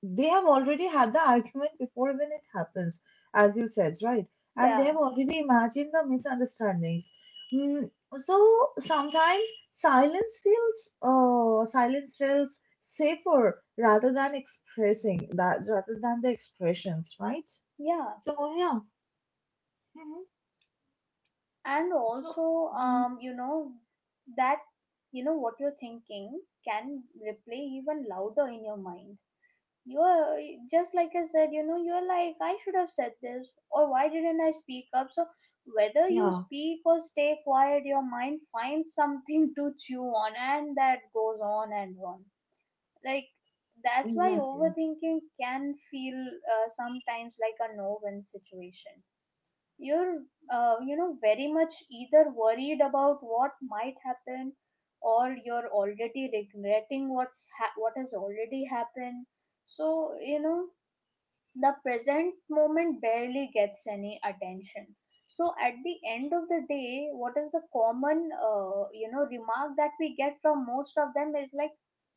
Speaker 1: they have already had the argument before even it happens, as you said, right? And they have
Speaker 2: Yeah.
Speaker 1: already imagined the misunderstandings. Mm, so sometimes silence feels safer rather than expressing that, rather than the expressions, right?
Speaker 2: Yeah.
Speaker 1: So, yeah. Mhm.
Speaker 2: And
Speaker 1: So
Speaker 2: also
Speaker 1: mhm,
Speaker 2: you know, that, you know, what you're thinking can replay even louder in your mind. You're, just like I said, you know, you're like, I should have said this, or why didn't I speak up? So whether you
Speaker 1: yeah,
Speaker 2: speak or stay quiet, your mind finds something to chew on, and that goes on and on. Like, that's why
Speaker 1: exactly.
Speaker 2: overthinking can feel sometimes like a no-win situation. You're you know, very much either worried about what might happen, or you're already regretting what's what has already happened. So you know, the present moment barely gets any attention. So at the end of the day, what is the common you know, remark that we get from most of them is like,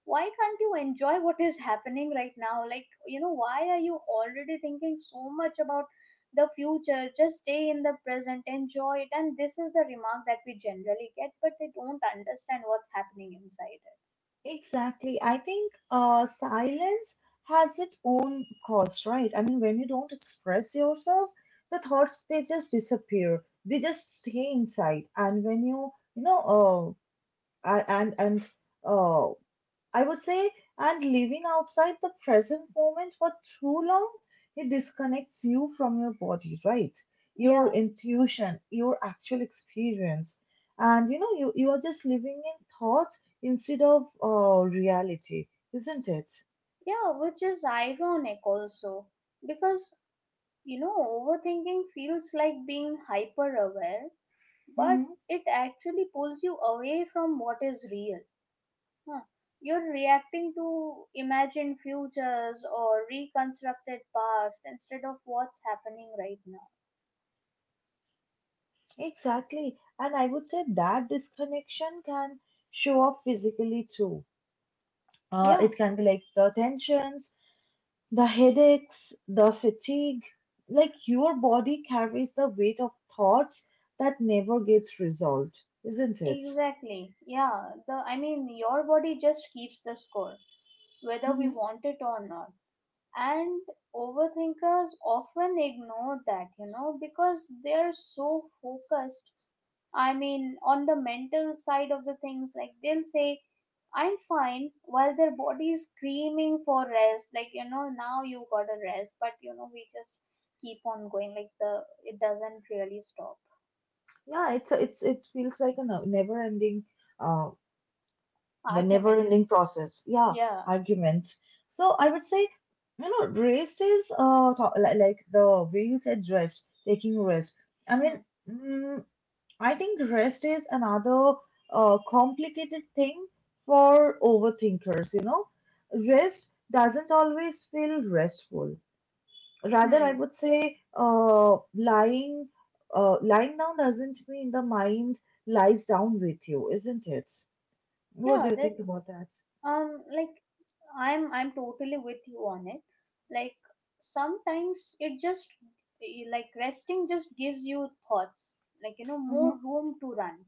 Speaker 2: why can't you enjoy what is happening right now? Like, you know, why are you already thinking so much about the future? Just stay in the present, enjoy it. And this is the remark that we generally get, but they don't understand what's happening inside it.
Speaker 1: Exactly. I think, silence has its own cost, right? I mean, when you don't express yourself, the thoughts they just disappear. They just stay inside, and when you know, a- and uh, I would say, and living outside the present moment for too long, it disconnects you from your body, right?
Speaker 2: Yeah.
Speaker 1: Your intuition, your actual experience. And you know, you are just living in thought instead of, reality, isn't it?
Speaker 2: Yeah, which is ironic also, because you know, overthinking feels like being hyper aware, but
Speaker 1: Hmm.
Speaker 2: it actually pulls you away from what is real. Huh. You're reacting to imagined futures or reconstructed past instead of what's happening right now.
Speaker 1: Exactly. And I would say that disconnection can show up physically too.
Speaker 2: Yeah,
Speaker 1: It can be like the tensions, the headaches, the fatigue. Like your body carries the weight of thoughts that never gets resolved, isn't it?
Speaker 2: exactly. Yeah, the, I mean, your body just keeps the score, whether we
Speaker 1: Hmm.
Speaker 2: want it or not. And overthinkers often ignore that, you know, because they're so focused, I mean, on the mental side of the things. Like they'll say I'm fine while their body is screaming for rest. Like, you know, now you gotta rest, but you know, we just keep on going, like the, it doesn't really stop.
Speaker 1: Yeah, it feels like a no, never-ending, uh, a
Speaker 2: Argument.
Speaker 1: never-ending process. Yeah,
Speaker 2: Yeah.
Speaker 1: argument. So I would say, you know, rest is, like the way you said rest, taking rest. I mean,
Speaker 2: Hmm.
Speaker 1: mm, I think rest is another, complicated thing for overthinkers, you know. Rest doesn't always feel restful. Rather, I
Speaker 2: Hmm.
Speaker 1: would say, lying down doesn't mean the mind lies down with you, isn't it? What do
Speaker 2: Yeah,
Speaker 1: you
Speaker 2: that
Speaker 1: think about that?
Speaker 2: like, I'm totally with you on it. Like sometimes it just like, resting just gives you thoughts, like you know, more
Speaker 1: Mm-hmm.
Speaker 2: room to run.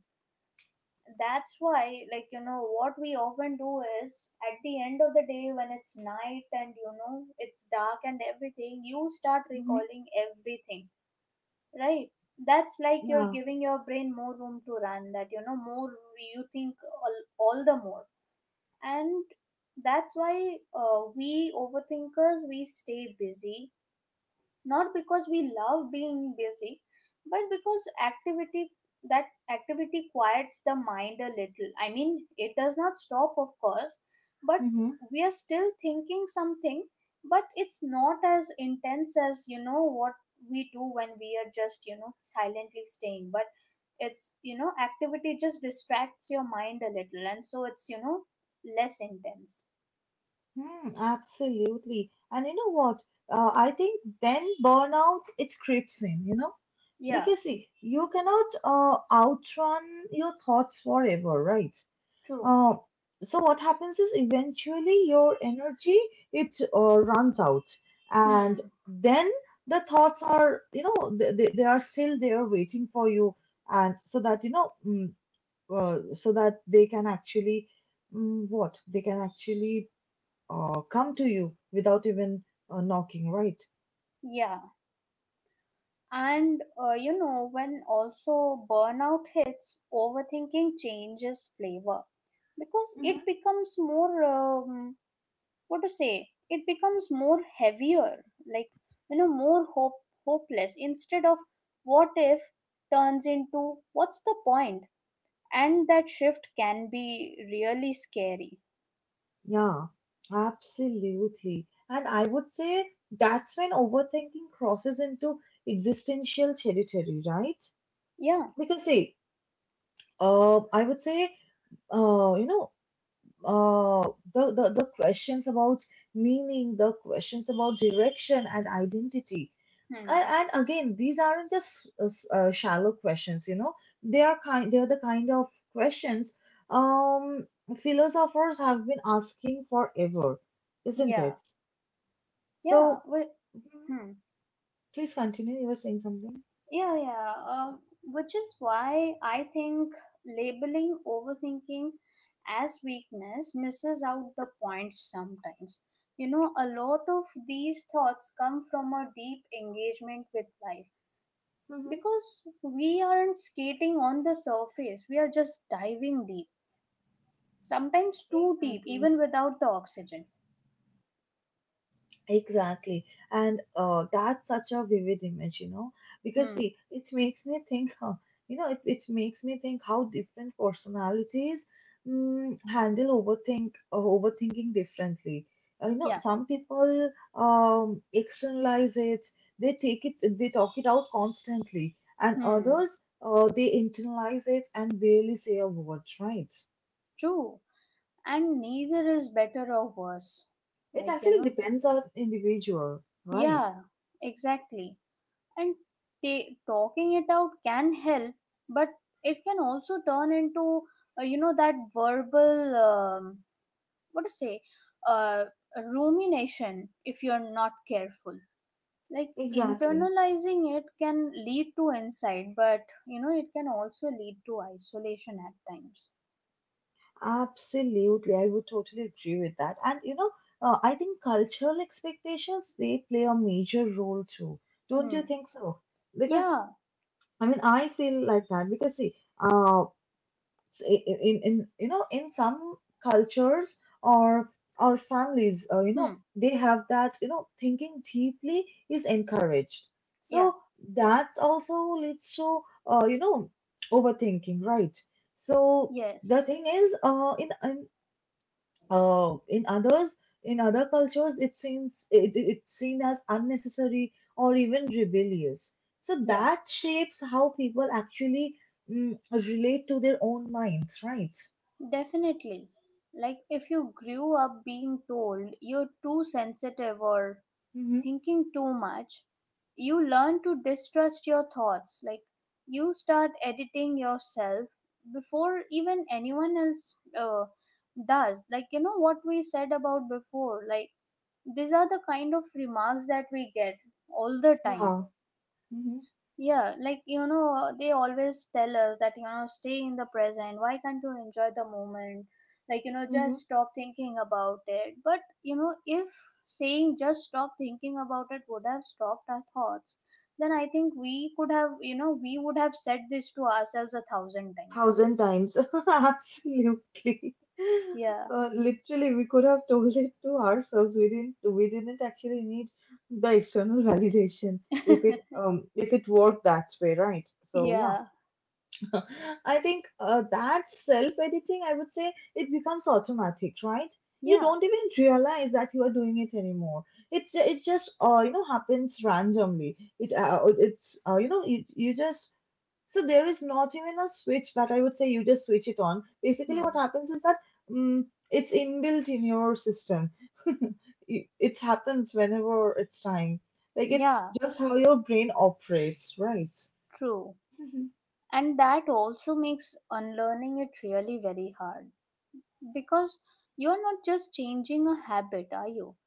Speaker 2: That's why, like you know, what we often do is at the end of the day when it's night and you know, it's dark and everything, you start
Speaker 1: Mm-hmm.
Speaker 2: recalling everything, right? That's like you're giving your brain more room to run. That you know, more you think all, all the more. And that's why we overthinkers, we stay busy, not because we love being busy, but because activity, that activity quiets the mind a little. I mean, it does not stop, of course, but
Speaker 1: Yeah.
Speaker 2: we are still thinking something, but it's not as intense as, you know, what we do when we are just, you know, silently staying. But it's, you know, activity just distracts your mind a little, and so it's, you know, less intense.
Speaker 1: Hmm, absolutely. And you know what? I think then burnout it creeps in, you know,
Speaker 2: Yeah,
Speaker 1: because see, you cannot, outrun your thoughts forever, right?
Speaker 2: true.
Speaker 1: Uh, so what happens is eventually your energy it, runs out, and
Speaker 2: Hmm.
Speaker 1: then the thoughts are, you know, they are still there waiting for you, and so that you know, so that they can actually, mm, what they can actually come to you without even, knocking, right?
Speaker 2: Yeah. And you know, when also burnout hits, overthinking changes flavor, because
Speaker 1: Mhm.
Speaker 2: it becomes more, what to say, it becomes more heavier, like, you know, more hopeless instead of what if, turns into what's the point? And that shift can be really scary.
Speaker 1: Yeah, absolutely. And I would say that's when overthinking crosses into existential territory, right?
Speaker 2: Yeah.
Speaker 1: Because see, I would say, you know, uh, the, questions about meaning, the questions about direction and identity,
Speaker 2: Hmm.
Speaker 1: and, again these aren't just, shallow questions, you know, they are the kind of questions, um philosophers have been asking forever, isn't
Speaker 2: Yeah.
Speaker 1: it?
Speaker 2: Yeah.
Speaker 1: So
Speaker 2: Well,
Speaker 1: mhm,
Speaker 2: hmm.
Speaker 1: please continue you were saying something.
Speaker 2: Yeah, yeah. Which is why I think labeling overthinking as weakness misses out the point sometimes. You know, a lot of these thoughts come from a deep engagement with life,
Speaker 1: Hmm.
Speaker 2: because we aren't skating on the surface, we are just diving deep, sometimes too deep,
Speaker 1: Exactly.
Speaker 2: even without the oxygen.
Speaker 1: Exactly. And, that's such a vivid image, you know, because
Speaker 2: Hmm,
Speaker 1: see, it makes me think, huh, you know, it makes me think how different personalities, handle overthinking differently. You know,
Speaker 2: yeah,
Speaker 1: some people, externalize it, they talk it out constantly, and
Speaker 2: hmm,
Speaker 1: others, they internalize it and barely say a word, right?
Speaker 2: true. And neither is better or worse.
Speaker 1: It
Speaker 2: Like,
Speaker 1: actually depends on individual, right?
Speaker 2: yeah, exactly. And ta talking it out can help, but it can also turn into, that verbal, what to say, uh, rumination if you're not careful. Like,
Speaker 1: Exactly.
Speaker 2: internalizing it can lead to insight, but, it can also lead to isolation at times.
Speaker 1: Absolutely, I would totally agree with that. And you know, I think cultural expectations they play a major role too. Don't you
Speaker 2: Hmm.
Speaker 1: think so? Because
Speaker 2: Yeah.
Speaker 1: I mean, I feel like that because see, uh, in some cultures or or families, you know,
Speaker 2: Hmm.
Speaker 1: they have that you know, thinking deeply is encouraged.
Speaker 2: Yeah.
Speaker 1: So that also leads to, you know, overthinking, right? So the
Speaker 2: Yes.
Speaker 1: thing is, in others, in other cultures, it seems it's seen as unnecessary or even rebellious. So
Speaker 2: Yeah.
Speaker 1: that shapes how people actually, relate to their own minds, right?
Speaker 2: Definitely. Like, if you grew up being told you're too sensitive or
Speaker 1: Mm-hmm.
Speaker 2: thinking too much, you learn to distrust your thoughts. Like, you start editing yourself before even anyone else does. Like, you know what we said about before? Like, these are the kind of remarks that we get all the time.
Speaker 1: Yeah. Mm-hmm.
Speaker 2: Yeah, like they always tell us that, stay in the present. Why can't you enjoy the moment? Like,
Speaker 1: Mm-hmm.
Speaker 2: just stop thinking about it. But, if saying just stop thinking about it would have stopped our thoughts, then I think we could have, you know, we would have said this to ourselves a thousand times.
Speaker 1: Thousand times. Absolutely.
Speaker 2: Yeah,
Speaker 1: Literally, we could have told it to ourselves. We didn't. We didn't actually need the external validation if it worked that way, right? So yeah.
Speaker 2: yeah,
Speaker 1: I think, that self editing, I would say, it becomes automatic, right? You
Speaker 2: yeah,
Speaker 1: don't even realize that you are doing it anymore. It it just, you know, happens randomly. It it's you know you, you just so there is not even a switch that I would say you just switch it on. Basically, what
Speaker 2: hmm,
Speaker 1: happens is that it's inbuilt in your system. It happens whenever it's time. Like it's
Speaker 2: yeah,
Speaker 1: just how your brain operates, right?
Speaker 2: true. And that also makes unlearning it really very hard, because you're not just changing a habit, are you?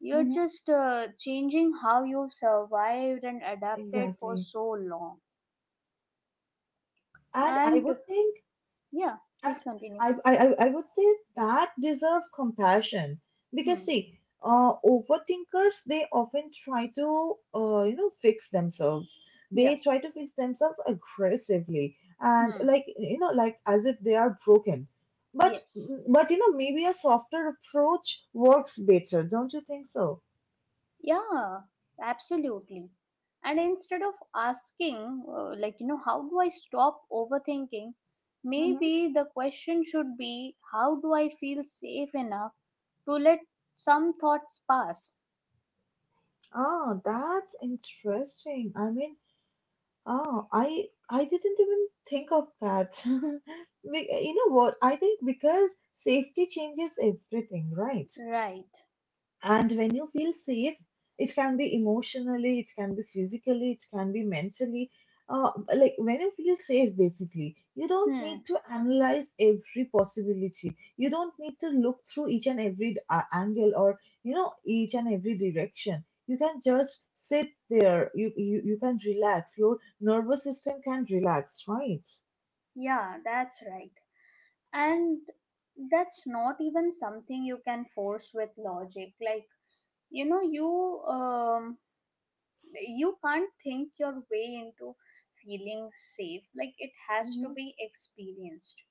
Speaker 2: You're
Speaker 1: Hmm.
Speaker 2: just changing how you've survived and adapted for
Speaker 1: Exactly.
Speaker 2: so long.
Speaker 1: And I
Speaker 2: And,
Speaker 1: would think,
Speaker 2: yeah, please
Speaker 1: and
Speaker 2: continue.
Speaker 1: I would say that deserve compassion because
Speaker 2: Hmm,
Speaker 1: see, overthinkers they often try to fix themselves.
Speaker 2: yeah,
Speaker 1: They try to fix themselves aggressively and
Speaker 2: hmm,
Speaker 1: like you know like as if they are broken. But
Speaker 2: yes,
Speaker 1: but you know maybe a softer approach works better, don't you think so?
Speaker 2: yeah, absolutely. And instead of asking, like, how do I stop overthinking,
Speaker 1: Mm-hmm.
Speaker 2: maybe the question should be, how do I feel safe enough to let some thoughts pass,
Speaker 1: Ah, that's interesting. I mean, oh, I didn't even think of that. You know what? I think because safety changes everything, right?
Speaker 2: right?
Speaker 1: And when you feel safe, it can be emotionally, it can be physically, it can be mentally. Uh, like when you feel safe, basically, you don't
Speaker 2: Hmm.
Speaker 1: need to analyze every possibility. You don't need to look through each and every angle or you know each and every direction. You can just sit there. You can relax. Your nervous system can relax, right?
Speaker 2: Yeah, that's right. And that's not even something you can force with logic. Like, you know, you um you can't think your way into feeling safe. Like, it has to
Speaker 1: Hmm.
Speaker 2: be experienced,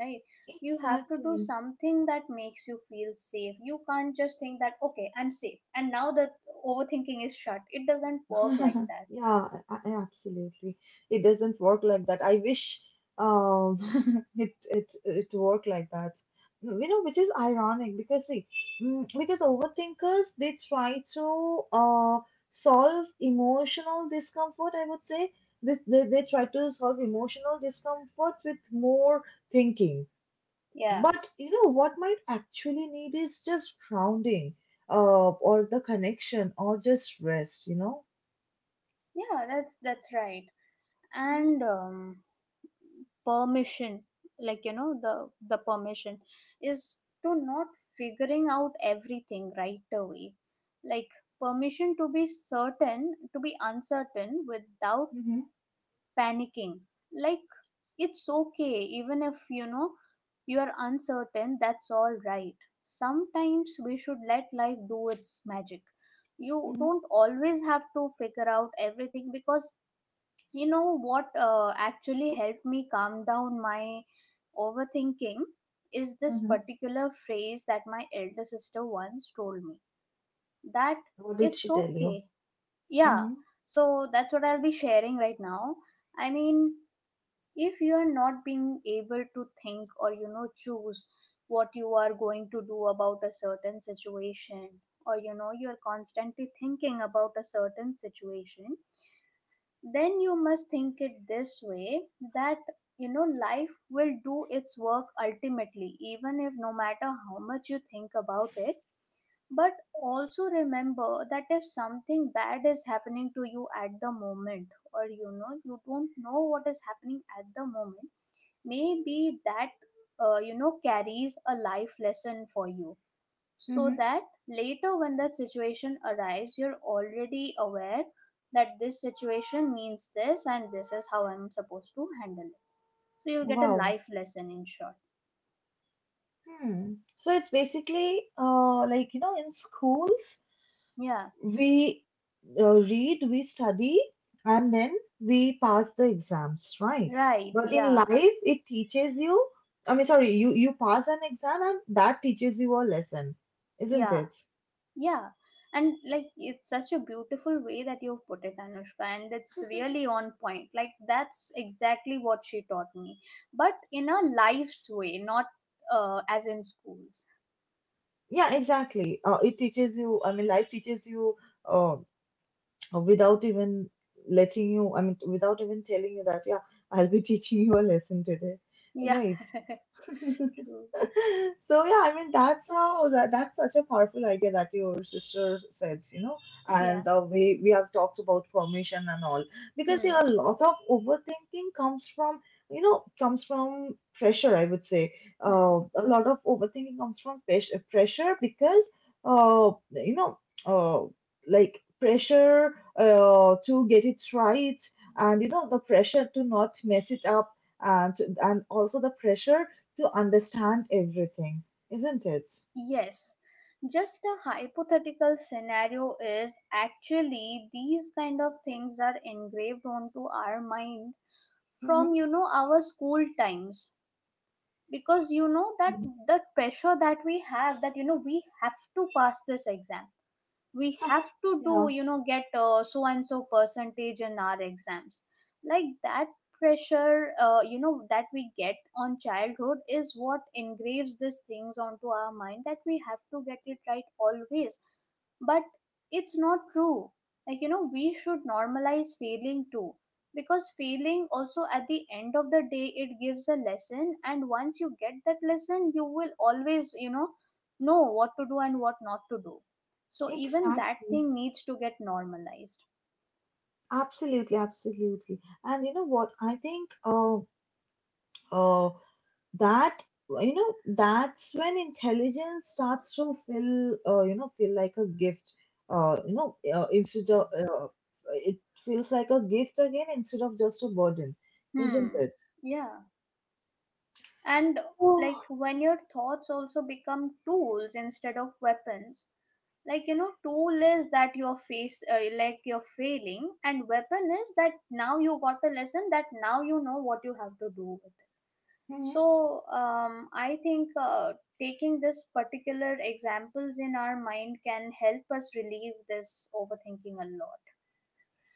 Speaker 2: right? You have to do
Speaker 1: Exactly.
Speaker 2: something that makes you feel safe. You can't just think that, okay, I'm safe, and now the overthinking is shut. It doesn't work like that.
Speaker 1: Yeah, absolutely. It doesn't work like that. I wish it worked like that. You know, which is ironic because see, because overthinkers they try to solve emotional discomfort, I would say. This they try to solve emotional discomfort with more thinking.
Speaker 2: Yeah.
Speaker 1: But you know what might actually need is just grounding, or the connection or just rest, you know?
Speaker 2: Yeah, that's right.
Speaker 1: Mm-hmm.
Speaker 2: And permission, like, the permission is to not figuring out everything right away. Like, permission to be certain, to be uncertain without
Speaker 1: Mm-hmm.
Speaker 2: panicking. Like, it's okay. Even if you know you are uncertain, that's all right. Sometimes we should let life do its magic. You
Speaker 1: Mm-hmm.
Speaker 2: don't always have to figure out everything, because you know what actually helped me calm down my overthinking is this
Speaker 1: Uh-huh.
Speaker 2: particular phrase that my elder sister once told me. That
Speaker 1: What did
Speaker 2: it's
Speaker 1: she tell you?
Speaker 2: okay. Yeah.
Speaker 1: Mm-hmm.
Speaker 2: So that's what I'll be sharing right now. I mean, if you are not being able to think or, choose what you are going to do about a certain situation, or, you're constantly thinking about a certain situation, then you must think it this way, that, life will do its work ultimately, even if, no matter how much you think about it. But also remember that if something bad is happening to you at the moment, or, you don't know what is happening at the moment, maybe that, carries a life lesson for you. So
Speaker 1: Mm-hmm.
Speaker 2: that later, when that situation arrives, you're already aware that this situation means this, and this is how I'm supposed to handle it. So you'll get a
Speaker 1: Wow.
Speaker 2: life lesson, in short.
Speaker 1: Hmm. So it's basically like, you know, in schools,
Speaker 2: Yeah,
Speaker 1: we read, we study, and then we pass the exams, right?
Speaker 2: right,
Speaker 1: But in life,
Speaker 2: yeah,
Speaker 1: it teaches you, I mean, sorry, you pass an exam and that teaches you a lesson, isn't
Speaker 2: yeah,
Speaker 1: it?
Speaker 2: yeah. And, like, it's such a beautiful way that you've put it, Anushka. And it's really on point. Like, that's exactly what she taught me. But in a life's way, not as in schools.
Speaker 1: Yeah, exactly. It teaches you, I mean, life teaches you. Uh. Uh, without even letting you, I mean, without even telling you that, yeah, I'll be teaching you a lesson today,
Speaker 2: Yeah,
Speaker 1: right?
Speaker 2: true,
Speaker 1: So yeah, I mean that's how that's such a powerful idea that your sister says, you know,
Speaker 2: yeah,
Speaker 1: and the way we have talked about formation and all. Because
Speaker 2: hmm,
Speaker 1: yeah, a lot of overthinking comes from, you know, comes from pressure, I would say.
Speaker 2: hmm.
Speaker 1: A lot of overthinking comes from pressure because you know, uh, like pressure to get it right and you know the pressure to not mess it up and and also the pressure to understand everything, isn't it?
Speaker 2: Yes, just a hypothetical scenario is, actually these kind of things are engraved onto our mind
Speaker 1: Mm-hmm.
Speaker 2: from, our school times. Because you know that the pressure that we have, that, we have to pass this exam, we have to do,
Speaker 1: Yeah,
Speaker 2: get so and so percentage in our exams. Like, that pressure, that we get on childhood, is what engraves these things onto our mind, that we have to get it right always. But it's not true. Like, we should normalize failing too. Because failing also, at the end of the day, it gives a lesson. And once you get that lesson, you will always, know what to do and what not to do. So even that
Speaker 1: exactly.
Speaker 2: thing needs to get normalized.
Speaker 1: Absolutely, absolutely. And you know what? I think uh, that you know that's when intelligence starts to feel feel like a gift. You know, instead of it feels like a gift again instead of just a burden, isn't
Speaker 2: Hmm.
Speaker 1: it?
Speaker 2: Yeah. And, like,
Speaker 1: Oh.
Speaker 2: when your thoughts also become tools instead of weapons. Like, tool is that your face, like, you're failing, and weapon is that now you got a lesson, that now you know what you have to do with it. So I think, taking this particular examples in our mind can help us relieve this overthinking a lot.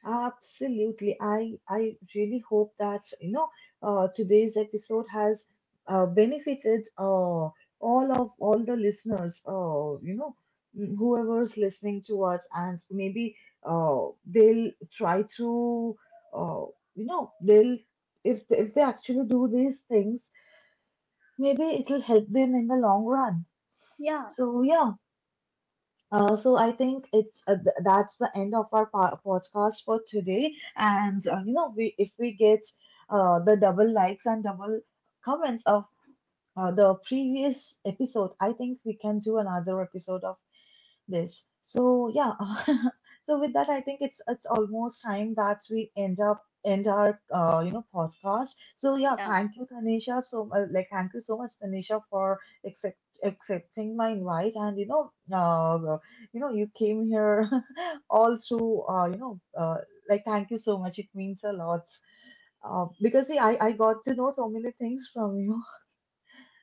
Speaker 1: Absolutely. I really hope that you know today's episode has benefited all the listeners. You know, whoever's listening to us, and maybe they'll try to uh, you know they'll if they actually do these things, maybe it'll help them in the long run.
Speaker 2: Yeah,
Speaker 1: So yeah. So I think it's that's the end of our podcast for today. And you know, we if we get the double likes and double comments of the previous episode, I think we can do another episode of this. So yeah, so with that, I think it's almost time that we end our you know podcast. So yeah,
Speaker 2: yeah.
Speaker 1: thank you, Tanisha. So like thank you so much, Tanisha, for accept accepting my invite and you know you know you came here all through you know like thank you so much. It means a lot. Because see, I got to know so many things from you.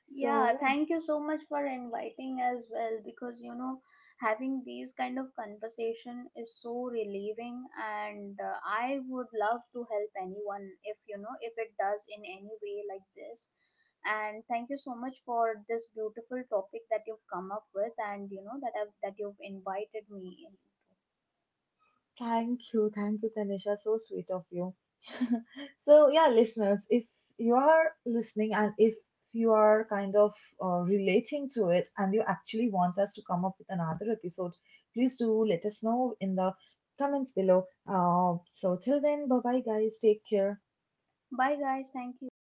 Speaker 1: So
Speaker 2: Yeah,
Speaker 1: yeah.
Speaker 2: thank you so much for inviting as well, because, having these kind of conversation is so relieving. And, I would love to help anyone, if, if it does, in any way like this. And thank you so much for this beautiful topic that you've come up with, and, that that you've invited me into.
Speaker 1: Thank you. Thank you, Tanisha. So sweet of you. So, yeah, listeners, if you are listening and if you are kind of relating to it and you actually want us to come up with another episode, please do let us know in the comments below. So, till then, bye bye, guys. Take care.
Speaker 2: Bye, guys, thank you.